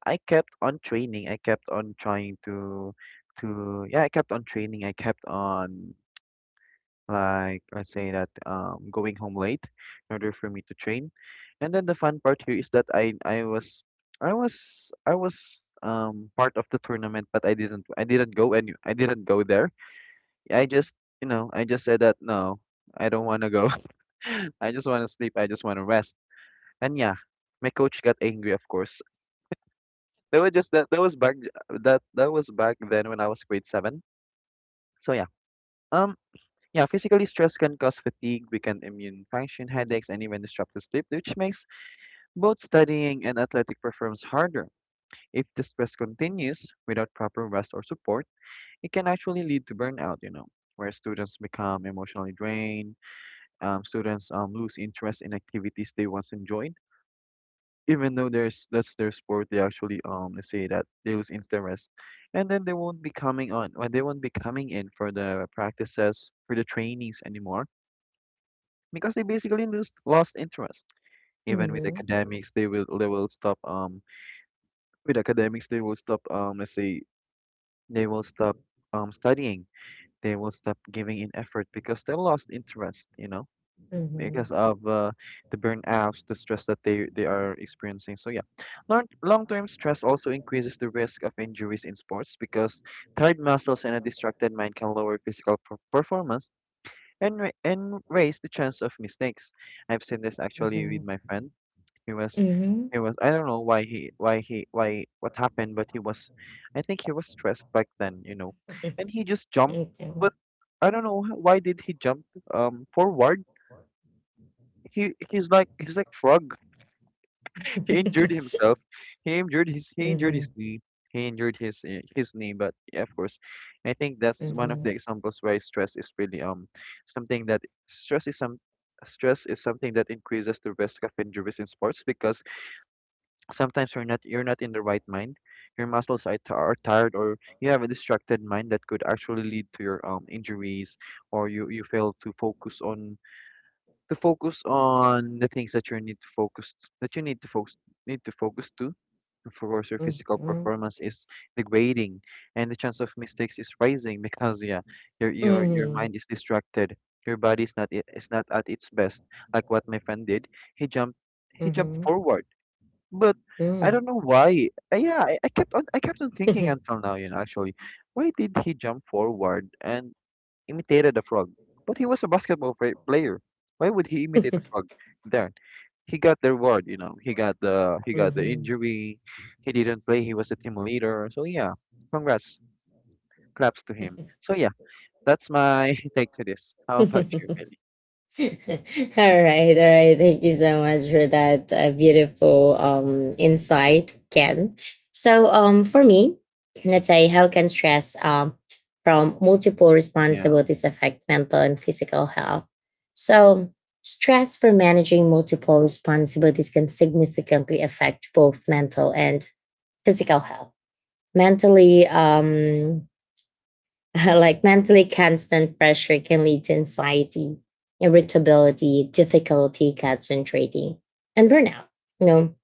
[SPEAKER 2] I kept on training. I kept on trying to yeah, I kept on training. I kept on, like, let's say that going home late in order for me to train. And then the fun part here is that I was I was part of the tournament, but I didn't go there. I just, you know, I just said that no, I don't wanna go. I just wanna sleep, I just wanna rest. And yeah, my coach got angry of course. That was just that that was back that that was back then when I was grade seven. So yeah. Um yeah, physically stress can cause fatigue, weaken immune function, headaches, and even disrupted sleep, which makes both studying and athletic performance harder. If the stress continues without proper rest or support, it can actually lead to burnout, where students become emotionally drained, students lose interest in activities they once enjoyed, even though there's that's their sport, they actually let's say that they lose interest, and then they won't be coming on, or they won't be coming in for the practices, for the trainings anymore, because they basically lose lost interest. Even with
[SPEAKER 1] Mhm.
[SPEAKER 2] academics, they will stop with academics they will stop let's say they will stop studying, they will stop giving in effort because they lost interest. Because
[SPEAKER 1] Mhm.
[SPEAKER 2] of the burnouts, the stress that they are experiencing. So yeah, long term stress also increases the risk of injuries in sports because tired muscles and a distracted mind can lower performance and raise the chance of mistakes. I've seen this actually with
[SPEAKER 1] Mhm.
[SPEAKER 2] my friend. He was
[SPEAKER 1] Mhm.
[SPEAKER 2] he was I don't know why he why he why what happened, but he was I think he was stressed back then,
[SPEAKER 1] Okay.
[SPEAKER 2] and he just jumped, but I don't know why did he jump forward he's like he's like frog. He injured himself. He injured his
[SPEAKER 1] Mhm.
[SPEAKER 2] knee. He injured his knee. But yeah, of course, I think that's one of
[SPEAKER 1] Mhm.
[SPEAKER 2] the examples why stress is really something that stress is some stress is something that increases the risk of injuries in sports because sometimes you're not in the right mind. Your muscles are, are tired, or you have a distracted mind that could actually lead to your injuries or you fail to focus on the things that you need to focus that you need to focus to. Of course, your physical
[SPEAKER 1] Mhm.
[SPEAKER 2] performance is degrading, and the chance of mistakes is rising because yeah, your
[SPEAKER 1] Mhm.
[SPEAKER 2] mind is distracted. Your body is not I- is not at its best. Like what my friend did, he jumped he jumped
[SPEAKER 1] Mhm.
[SPEAKER 2] forward, but I
[SPEAKER 1] Mhm.
[SPEAKER 2] don't know why. Yeah, I kept on thinking until now. Why did he jump forward? And imitated a frog. But he was a player. Why would he imitate a frog? Then he got the reward. He got the injury. He didn't play. He was the team leader. So yeah, congrats, claps to him. So yeah,
[SPEAKER 1] Mhm.
[SPEAKER 2] that's my take to this. How
[SPEAKER 1] All
[SPEAKER 2] about
[SPEAKER 1] right,
[SPEAKER 2] you, Billy?
[SPEAKER 1] all right. Thank you so much for that beautiful insight, Ken. So for me, let's say, how can stress from multiple
[SPEAKER 2] Yeah.
[SPEAKER 1] responsibilities affect mental and physical health? So stress for managing multiple responsibilities can significantly affect both mental and physical health. Mentally, like, mentally, constant pressure can lead to anxiety, irritability, difficulty concentrating, and burnout. You know,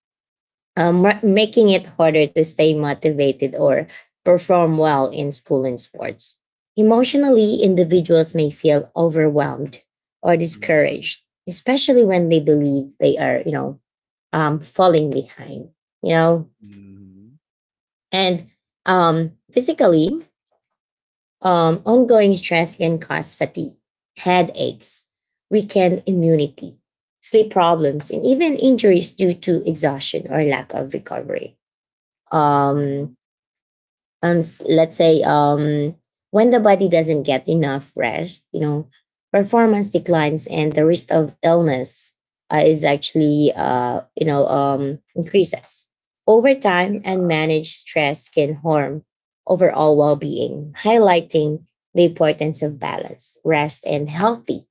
[SPEAKER 1] making it harder to stay motivated or perform well in school and sports. Emotionally, individuals may feel overwhelmed or
[SPEAKER 2] Mhm.
[SPEAKER 1] discouraged, especially when they believe they are, you know, falling behind. You know,
[SPEAKER 2] Mhm.
[SPEAKER 1] and physically, ongoing stress can cause fatigue, headaches, weakened immunity, sleep problems, and even injuries due to exhaustion or lack of recovery. Um,
[SPEAKER 2] Mhm.
[SPEAKER 1] let's say, when the body doesn't get enough rest, you know, performance declines and the risk of illness is actually you know increases over time, and managed stress can harm overall well-being, highlighting the importance of balance, rest, and healthy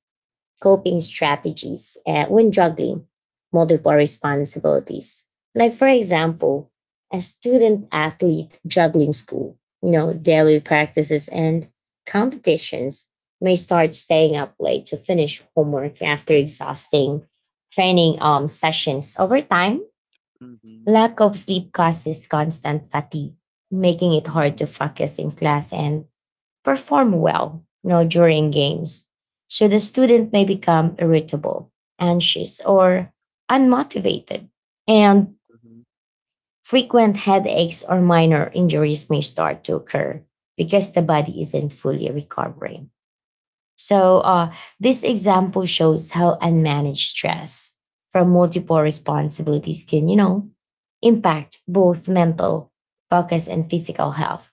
[SPEAKER 1] coping strategies when juggling multiple responsibilities. Like, for example, a student athlete juggling school, you know, daily practices and competitions may start staying up late to finish homework after exhausting training sessions. Over time,
[SPEAKER 2] Mhm.
[SPEAKER 1] lack of sleep causes constant fatigue, making it hard to
[SPEAKER 2] Mhm.
[SPEAKER 1] focus in class and perform well, you know, during games. So the student may become irritable, anxious, or unmotivated, and
[SPEAKER 2] Mhm.
[SPEAKER 1] frequent headaches or minor injuries may start to occur because the body isn't fully recovering. So, this example shows how unmanaged stress from multiple responsibilities can, you know, impact both mental focus and physical health,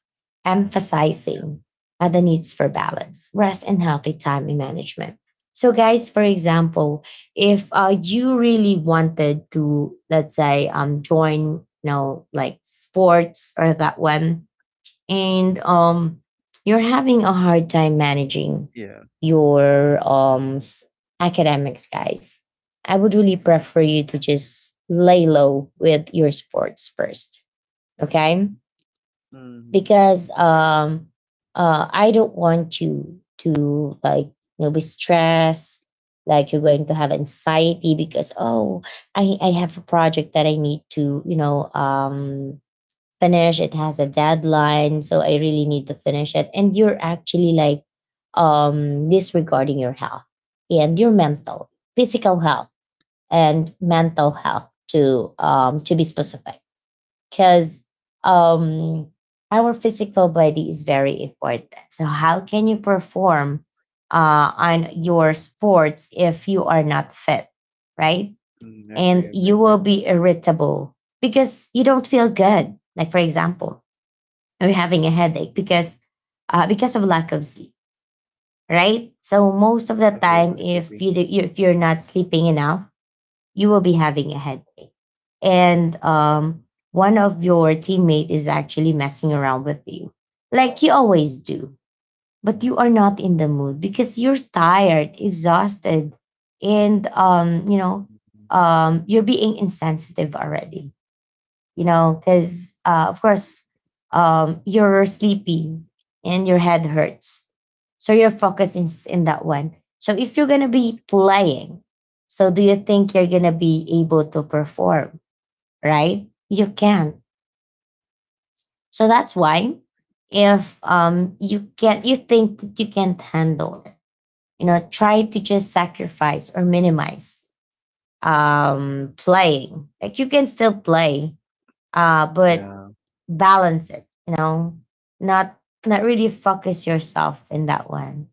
[SPEAKER 2] Yeah.
[SPEAKER 1] emphasizing the needs for balance, rest, and healthy time management. So, guys, for example, if you really wanted to, let's say, join, you know, like sports or that one, and you're having a hard time managing
[SPEAKER 2] Yeah.
[SPEAKER 1] your academics, guys, I would really
[SPEAKER 2] Mhm.
[SPEAKER 1] prefer you to just lay low with your sports first, okay?
[SPEAKER 2] Mhm.
[SPEAKER 1] Because
[SPEAKER 2] Agree.
[SPEAKER 1] I don't want you to, like, you know, be stressed. Like, you're going to have anxiety because, oh, I have a project that I need to, you know, finish. It has a deadline, so I really need to finish it. And you're actually like disregarding your health and your mental, physical health and mental health, to be specific. Because um our physical body is very important. So how can you perform on your sports if you are not fit, right?
[SPEAKER 2] Mm, agree.
[SPEAKER 1] And
[SPEAKER 2] Agree.
[SPEAKER 1] you
[SPEAKER 2] Agree.
[SPEAKER 1] will
[SPEAKER 2] Agree.
[SPEAKER 1] be
[SPEAKER 2] Agree.
[SPEAKER 1] irritable because you don't feel good. Like for example, or having a headache because of lack of sleep, right? So most of the
[SPEAKER 2] Agree.
[SPEAKER 1] time,
[SPEAKER 2] Agree.
[SPEAKER 1] if
[SPEAKER 2] Agree.
[SPEAKER 1] you do, if you're not sleeping enough, you will be having a headache. And one of your teammate is actually messing around with you, like you always do, but you
[SPEAKER 2] Mhm.
[SPEAKER 1] are not in the mood because you're tired, exhausted, and you know,
[SPEAKER 2] Mhm.
[SPEAKER 1] you're being insensitive already, you know, because of course, you're sleepy and your head hurts. So your focus is in that one. So if you're going to be playing, so do you think you're going to be able to perform, right? You can't. So that's why if you can't, you think that you can't handle it, you know, try to just sacrifice or minimize playing. Like you can still play, but
[SPEAKER 2] Yeah.
[SPEAKER 1] balance it, you know, not not really focus yourself in that one,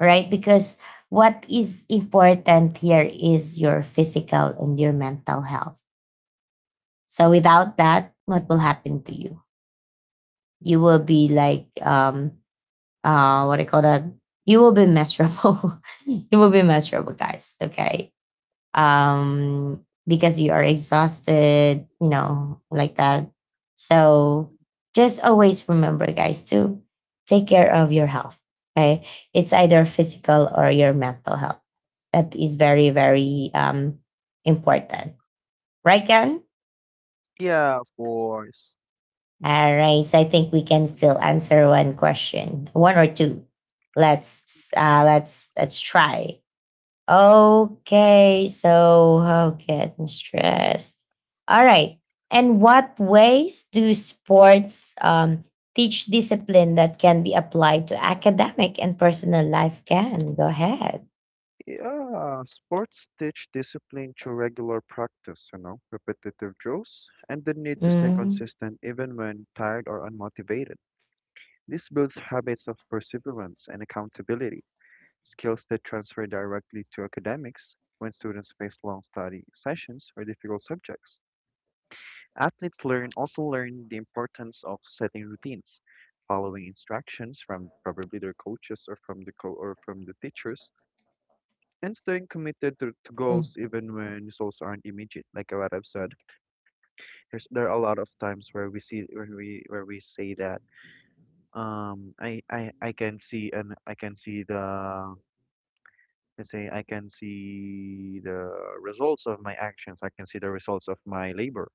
[SPEAKER 1] right? Because what is important here is your physical and your mental health. So without that, what will happen to you? You will be like what do you call that, you will be miserable you will be miserable, guys, okay. Because you are exhausted, like that. So just always remember, guys, to take care of your health. Okay. It's either physical or your mental health. That is very, very important. Right, Karen?
[SPEAKER 2] Yeah, of course.
[SPEAKER 1] All right. So I think we can still answer one question, one or two. Let's let's try. Okay, so how getting stressed? All right. And what ways do sports teach discipline that can be applied to academic and personal life? Can go ahead.
[SPEAKER 2] Yeah, sports teach discipline through regular practice, repetitive drills, and the need to stay
[SPEAKER 1] Mm-hmm.
[SPEAKER 2] consistent even when tired or unmotivated. This builds habits of perseverance and accountability, skills that transfer directly to academics when students face long study sessions or difficult subjects. Athletes learn also learn the importance of setting routines, following instructions from probably their coaches or from the teachers, and staying committed to goals even when results aren't immediate, like what I've said. There's there are a lot of times where we see where we say that I can see, and I can see the let's say I can see the results of my actions, I can see the results of my labor,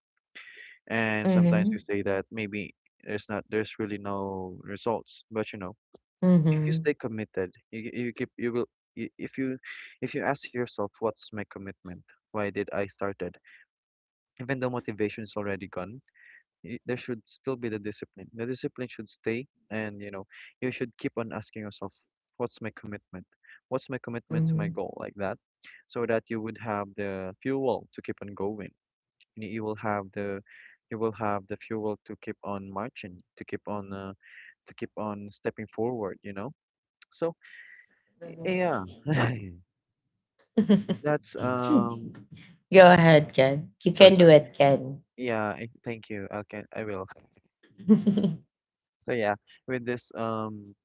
[SPEAKER 2] and sometimes
[SPEAKER 1] Mm-hmm.
[SPEAKER 2] we say that maybe there's really no results. But you know, if you
[SPEAKER 1] Mm-hmm.
[SPEAKER 2] stay committed, you keep you will you- if you- if you ask yourself, what's my commitment? Why did I started? Even though motivation is already gone, there should still be the discipline. The discipline should stay, and you know, you should keep on asking yourself, what's my commitment? What's my commitment to my
[SPEAKER 1] Mm-hmm.
[SPEAKER 2] goal, like that? So that you would have the fuel to keep on going. You you will have the you will have the fuel to keep on marching, to keep on stepping forward, you know? So, yeah. That's
[SPEAKER 1] Go ahead, Ken. You
[SPEAKER 2] sorry,
[SPEAKER 1] can do
[SPEAKER 2] sorry.
[SPEAKER 1] it, Ken.
[SPEAKER 2] Yeah, thank you. Okay, I will. So yeah, with this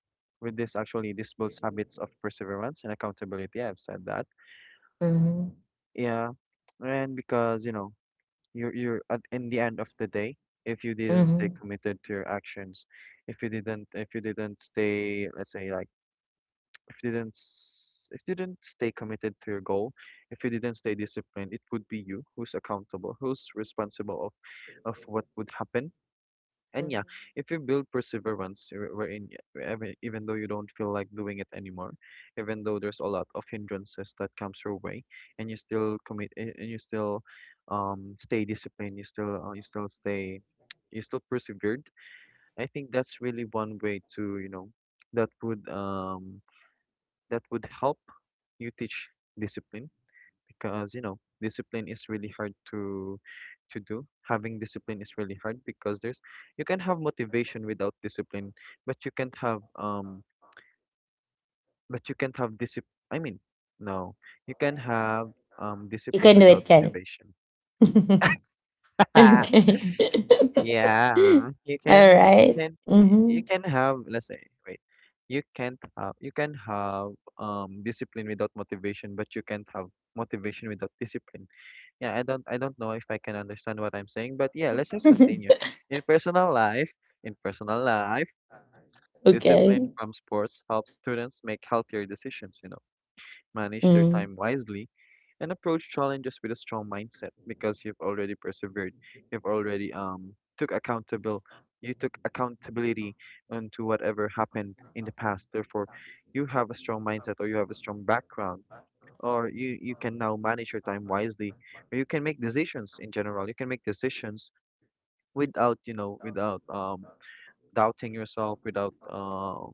[SPEAKER 2] with this, actually this builds habits of perseverance and accountability. I've said that.
[SPEAKER 1] Mm-hmm.
[SPEAKER 2] Yeah. And because, you know, you're at in the end of the day, if you didn't stay
[SPEAKER 1] Mm-hmm.
[SPEAKER 2] committed to your actions, if you didn't stay, let's say like if you didn't s- if you didn't stay committed to your goal, if you didn't stay disciplined, it would be you who's accountable, who's responsible of what would happen. And yeah, if you build perseverance, even though you don't feel like doing it anymore, even though there's a lot of hindrances that comes your way, and you still commit, and you still stay disciplined, you still stay, you still persevered. I think that's really one way to you know that would um that would help you teach discipline, because you know discipline is really hard to do. Having discipline is really hard because there's you can have motivation without discipline, but you can't have discipline I mean no you can have
[SPEAKER 1] You
[SPEAKER 2] discipline
[SPEAKER 1] can do it,
[SPEAKER 2] without
[SPEAKER 1] Ken.
[SPEAKER 2] motivation.
[SPEAKER 1] Okay.
[SPEAKER 2] Yeah, you
[SPEAKER 1] All
[SPEAKER 2] can,
[SPEAKER 1] right. Mm-hmm.
[SPEAKER 2] you can have let's say wait you can't have you can have discipline without motivation, but you can't have motivation without discipline. Yeah, I don't I don't know if I can understand what I'm saying, but yeah, let's just continue. In personal life, in personal life, discipline
[SPEAKER 1] Okay.
[SPEAKER 2] from sports helps students make healthier decisions, you know, manage their
[SPEAKER 1] Mm.
[SPEAKER 2] time wisely, and approach challenges with a strong mindset, because you've already persevered. You've already took accountable you took accountability onto whatever happened in the past. Therefore, you have a strong mindset, or you have a strong background, or you can now manage your time wisely, or you can make decisions. In general, you can make decisions without you know without doubting yourself, without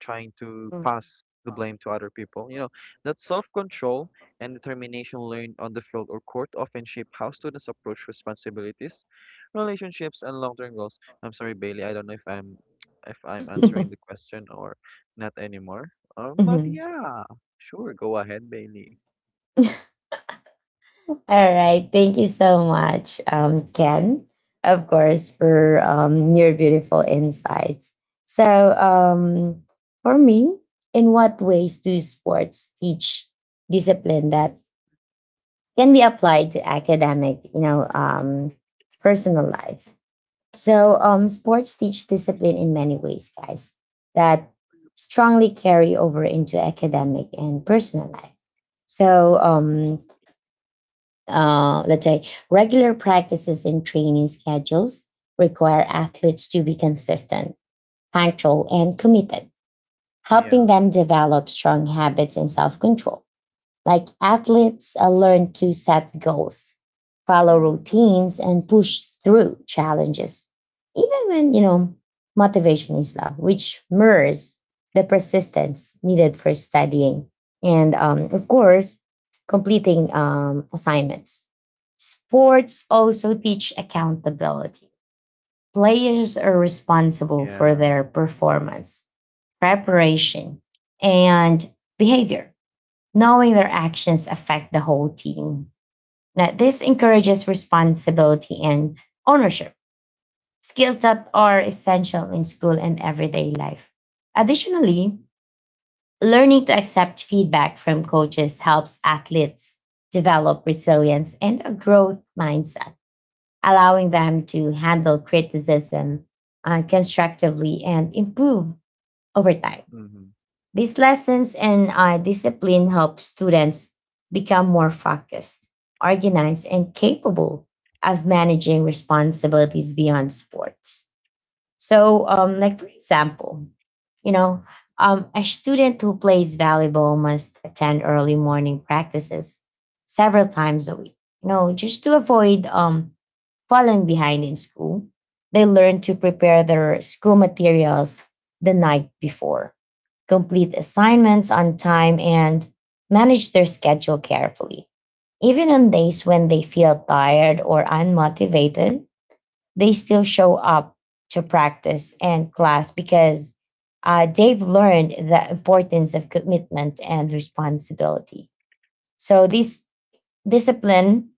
[SPEAKER 2] trying to
[SPEAKER 1] Mm.
[SPEAKER 2] pass the blame to other people, you know, that self-control and determination learned on the field or court often shape how students approach responsibilities, relationships, and long-term goals. I'm sorry, Bailey, I don't know if I'm answering the question or not anymore. But
[SPEAKER 1] Mhm.
[SPEAKER 2] yeah, sure, go ahead, Bailey.
[SPEAKER 1] All right. Thank you so much, Ken, of course, for your beautiful insights. So, for me, in what ways do sports teach discipline that can be applied to academic, personal life? Sports teach discipline in many ways, guys, that strongly carry over into academic and personal life. So let's say regular practices and training schedules require athletes to be consistent, punctual, and committed, helping
[SPEAKER 2] Yeah.
[SPEAKER 1] them develop strong habits and self control. Like athletes learn to set goals, follow
[SPEAKER 2] Mm,
[SPEAKER 1] routines, and push through challenges, even when, you know, motivation is low, which mirrors the persistence needed for studying and, of course, completing assignments. Sports also teach accountability. Players are responsible for
[SPEAKER 2] yeah.
[SPEAKER 1] their performance, preparation, and behavior, knowing their actions affect the whole team. Now, this encourages responsibility and ownership, skills that are essential in school and everyday life. Additionally, learning to accept feedback from coaches helps athletes develop resilience and a growth mindset, allowing them to handle criticism constructively and improve over time.
[SPEAKER 2] Hmm.
[SPEAKER 1] These lessons and discipline help students become more focused, organized, and capable of managing responsibilities beyond sports. So, like for example, you know, a student who plays volleyball must attend early morning practices several times a week. You know, just to avoid falling behind in school, they learn to prepare their school materials the night before, complete assignments on time, and manage their schedule carefully. Even on days when they feel tired or unmotivated, they still show up to practice and class because they've learned the importance of commitment and responsibility. So, this discipline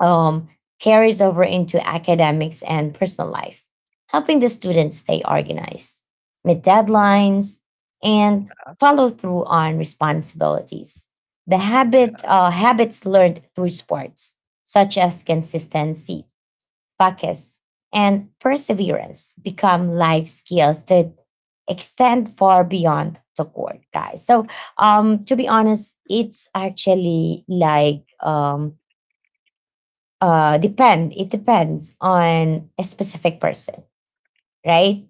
[SPEAKER 1] um, carries over into academics and personal life, helping the students stay organized, meet
[SPEAKER 2] Yeah.
[SPEAKER 1] deadlines, and follow through on responsibilities. The
[SPEAKER 2] Yeah.
[SPEAKER 1] habits learned through sports, such as consistency, focus, and perseverance, become life skills that extend far beyond the court, guys. So, to be honest, it's actually like depend it depends on a specific person, right?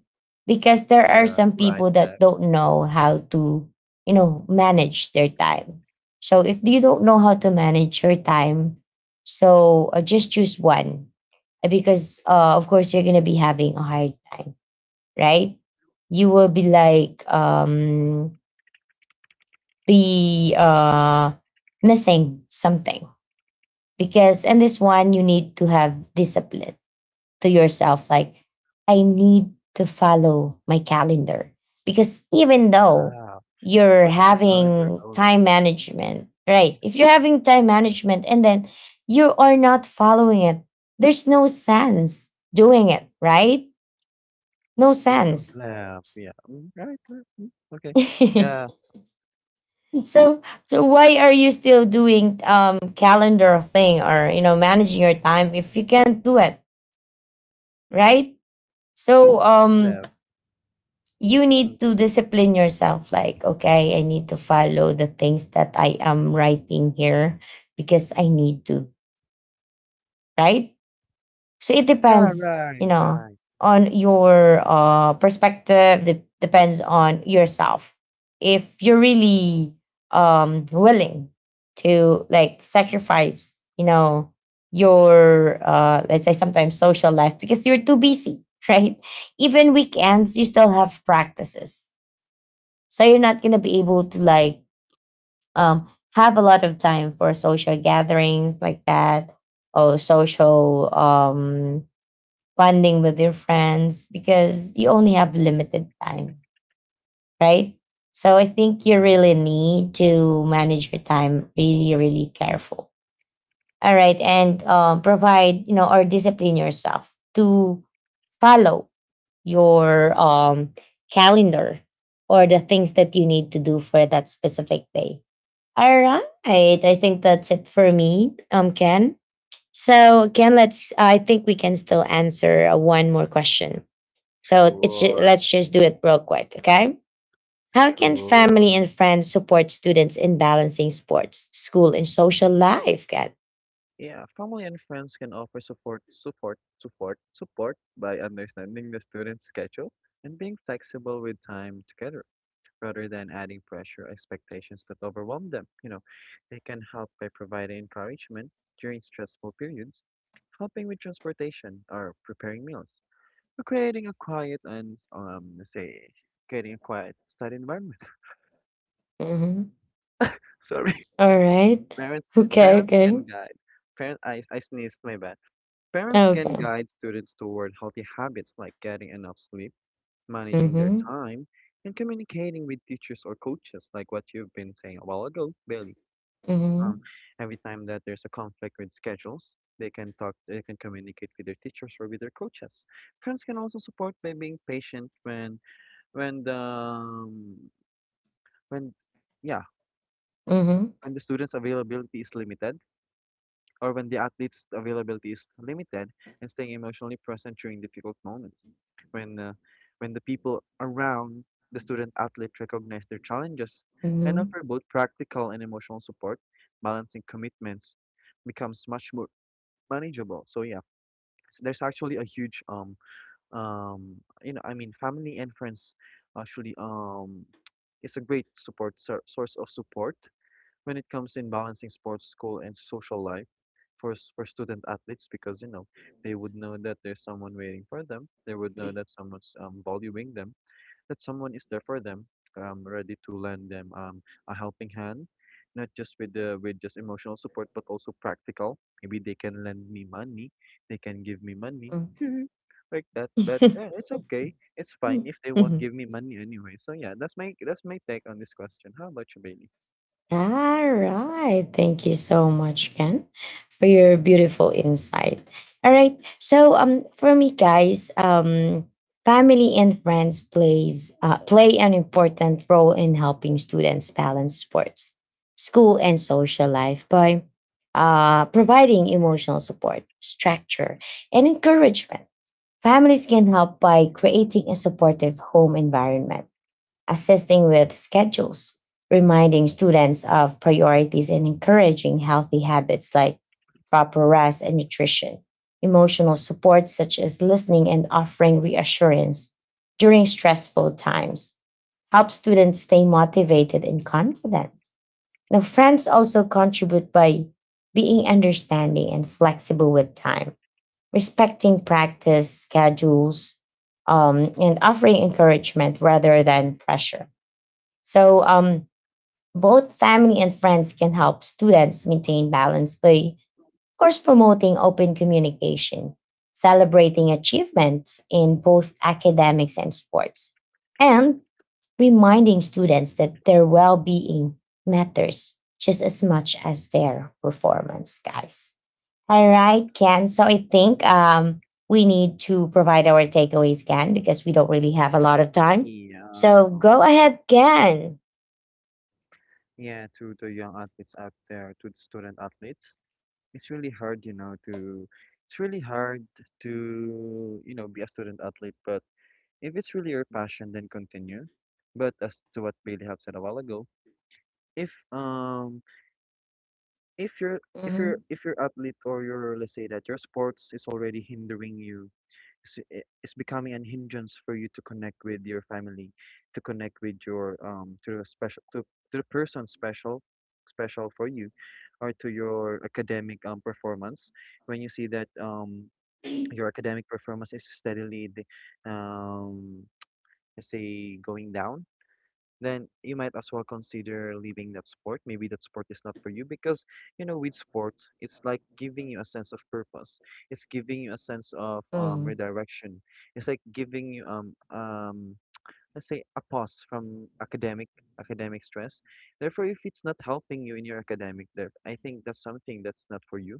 [SPEAKER 1] Because there are
[SPEAKER 2] Yeah.
[SPEAKER 1] some
[SPEAKER 2] Right,
[SPEAKER 1] people that
[SPEAKER 2] left.
[SPEAKER 1] don't
[SPEAKER 2] Mm.
[SPEAKER 1] know how to, you know, manage their time. So if you don't know how to manage your time, so just choose one. Because of course you're gonna be having a hard time, right? You will be like be missing something, because in this one you need to have discipline to yourself, like, I need to follow my calendar. Because even though
[SPEAKER 2] Ah,
[SPEAKER 1] you're
[SPEAKER 2] where's your calendar
[SPEAKER 1] having
[SPEAKER 2] going?
[SPEAKER 1] time management, right, if you're having time management and then you are not following it, there's no sense doing it, right? No
[SPEAKER 2] E.
[SPEAKER 1] sense.
[SPEAKER 2] Left. Yeah. Mm, right, left. Mm, okay. Yeah.
[SPEAKER 1] So, why are you still doing calendar thing or, you know, managing your time if you can't do it, right? So
[SPEAKER 2] Left.
[SPEAKER 1] you
[SPEAKER 2] Mm.
[SPEAKER 1] need to discipline yourself, like, okay, I need to follow the things that I am writing here, because I need to, right? So it
[SPEAKER 2] Yeah.
[SPEAKER 1] depends,
[SPEAKER 2] Right.
[SPEAKER 1] you know,
[SPEAKER 2] Right. Mm,
[SPEAKER 1] on your perspective, it depends on yourself, if you're really willing to like sacrifice, you know, your let's say sometimes social life because you're too busy right? Even weekends you still have practices, so you're not gonna be able to like um have a lot of time for social gatherings like that, or social bonding with your friends because you only have limited time, right? So I think you really
[SPEAKER 2] yeah.
[SPEAKER 1] need to manage your time really, really careful. All right, and provide, you know, or discipline yourself to follow your calendar or the things that you need to do for that specific day. All right. I think that's it for me, Ken. So Ken, let's. I think we can still answer one more question. So
[SPEAKER 2] Sure.
[SPEAKER 1] let's just do it real quick, okay? How can family
[SPEAKER 2] Sure.
[SPEAKER 1] and friends support students in balancing sports, school, and social life, Ken?
[SPEAKER 2] Yeah. Family and friends can offer support by understanding the student's schedule and being flexible with time together, rather than adding pressure or expectations that overwhelm them. You know, they can help by providing encouragement during stressful periods, helping with transportation or preparing meals, or creating a quiet and say creating a quiet study environment.
[SPEAKER 1] Mm-hmm.
[SPEAKER 2] Sorry,
[SPEAKER 1] All right.
[SPEAKER 2] parents
[SPEAKER 1] Okay.
[SPEAKER 2] parents
[SPEAKER 1] Okay.
[SPEAKER 2] can guide. Parent, I sneezed, my bad. Parents can
[SPEAKER 1] Okay.
[SPEAKER 2] guide students toward healthy habits like getting enough sleep, managing their
[SPEAKER 1] Mm-hmm.
[SPEAKER 2] time, and communicating with teachers or coaches, like what you've been saying a while ago, Bailey. um,
[SPEAKER 1] Mm-hmm.
[SPEAKER 2] every time that there's a conflict with schedules, they can talk, they can communicate with their teachers or with their coaches. Friends can also support by being patient when when, yeah,
[SPEAKER 1] Mm-hmm.
[SPEAKER 2] when the student's availability is limited, or when the athlete's availability is limited, and staying emotionally present during difficult moments. When, uh, when the people around the student athlete recognize their challenges and offer both practical and emotional support, balancing commitments becomes much more manageable. So yeah, there's actually a huge um you know, family and friends actually is a great source of support when it comes in balancing sports, school, and social life for for student athletes, because you know they would know that there's someone waiting for them. They would know that someone's valuing them, that someone is there for them, ready to lend them a helping hand, not just with the with just emotional support, but also practical. Maybe they can lend me money, they can give me money, like that. But it's okay, it's fine if they won't
[SPEAKER 1] Mm-hmm.
[SPEAKER 2] give me money anyway. So yeah, that's my take on this question. How about you, Bailey?
[SPEAKER 1] All right. Thank you so much, Ken, for your beautiful insight. All right. So for me, guys, family and friends play an important role in helping students balance sports, school and social life by providing emotional support, structure, and encouragement. Families can help by creating a supportive home environment, assisting with schedules, reminding students of priorities, and encouraging healthy habits like proper rest and nutrition. Emotional support such as listening and offering reassurance during stressful times help students stay motivated and confident. Now, friends also contribute by being understanding and flexible with time, respecting practice schedules, and offering encouragement rather than pressure. So both family and friends can help students maintain balance by, of course, promoting open communication, celebrating achievements in both academics and sports, and reminding students that their well being matters just as much as their performance, guys. All right, Ken. So I think we need to provide our takeaways, Ken, because we don't really have a lot of time.
[SPEAKER 2] Yeah.
[SPEAKER 1] So go ahead, Ken.
[SPEAKER 2] Yeah, to the young athletes out there, to the student athletes, it's really hard, you know, to it's really hard to, you know, be a student athlete, but if it's really your passion, then continue. But as to what Bailey have said a while ago, if if your if your
[SPEAKER 1] Mhm.
[SPEAKER 2] athlete, or your let's say that your sports is already hindering you, it's becoming an hindrance for you to connect with your family, to connect with your to the person special special for you, or to your academic performance. When you see that your academic performance is steadily um let's say, going down, then you might as well consider leaving that sport. Maybe that sport is not for you because, you know, with sport, it's like giving you a sense of purpose. It's giving you a sense of
[SPEAKER 1] Mm,
[SPEAKER 2] redirection. It's like giving you let's say a pause from academic stress. Therefore, if it's not helping you in your academic, there I think that's something that's not for you.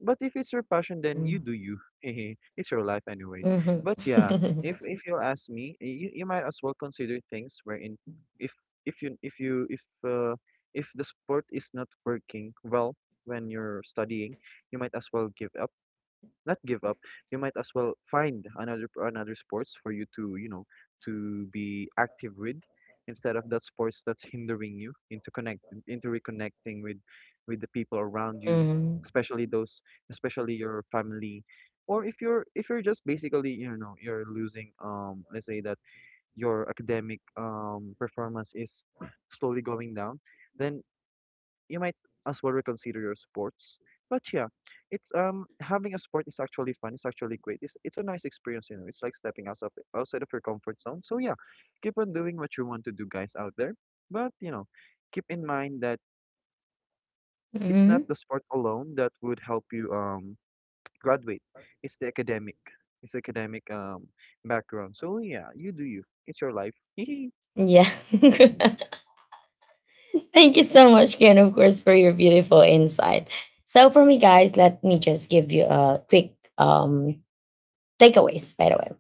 [SPEAKER 2] But if it's your passion, then you
[SPEAKER 1] mm,
[SPEAKER 2] do you. It's your life anyways.
[SPEAKER 1] mhm.
[SPEAKER 2] But yeah, if you ask me, you might as well consider things wherein if if you if you uh, if the sport is not working well when you're studying, you might as well give up, not give up, you might as well find another sports for you to, you know, to be active with, instead of that sports that's hindering you into connect into reconnecting with the people around you,
[SPEAKER 1] Mhm,
[SPEAKER 2] especially those, especially your family. Or if you're just basically, you know, you're losing let's say that your academic performance is slowly going down, then you might as well reconsider your sports. But yeah, it's having a sport is actually fun. It's actually great. It's a nice experience, you know. It's like stepping outside outside of your comfort zone. So yeah, keep on doing what you want to do, guys out there. But you know, keep in mind that it's not
[SPEAKER 1] mhm.
[SPEAKER 2] the sport alone that would help you graduate. It's the academic, it's academic background. So yeah, you do you. It's your life. Mm.
[SPEAKER 1] Yeah. Thank you so much, Ken, of course, for your beautiful insight. So, for me, guys, let me just give you a quick takeaways, by the way.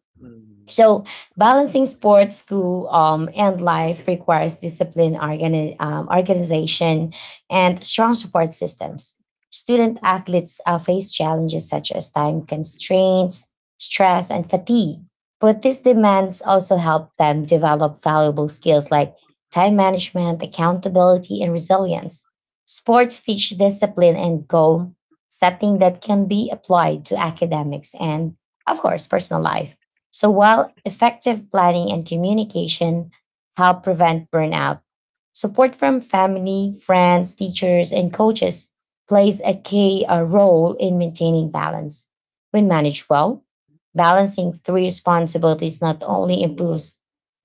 [SPEAKER 1] So balancing sports, school, and life requires discipline, organization, and strong support systems. Student athletes face challenges such as time constraints, stress, and fatigue. But these demands also help them develop valuable skills like time management, accountability, and resilience. Sports teach discipline and goal setting that can be applied to academics and, of course, personal life. So while effective planning and communication help prevent burnout, support from family, friends, teachers, and coaches plays a key role in maintaining balance. When managed well, balancing three responsibilities not only improves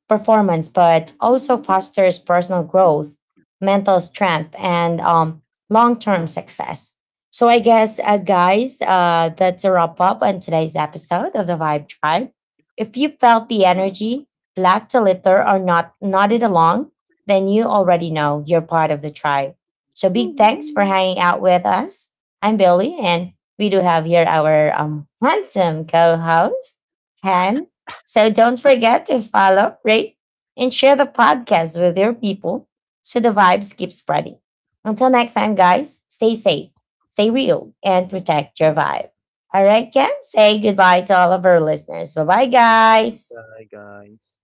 [SPEAKER 1] performance, but also fosters personal growth, mental strength, and long term success. So, I guess, guys, that's a wrap up on today's episode of the Vibe Tribe. If you felt the energy, laughed a little, or not nodded along, then you already know you're part of the tribe. So, big thanks for
[SPEAKER 2] Woo.
[SPEAKER 1] hanging out with us. I'm Billy, and we do have here our handsome co host, Han. So don't forget to follow, rate, and share the podcast with your people so the vibes keep spreading. Until next time, guys, stay safe, stay real, and protect your
[SPEAKER 2] Bye
[SPEAKER 1] vibe. All right, Ken, say goodbye to all of our listeners. Bye bye, guys.
[SPEAKER 2] bye, guys.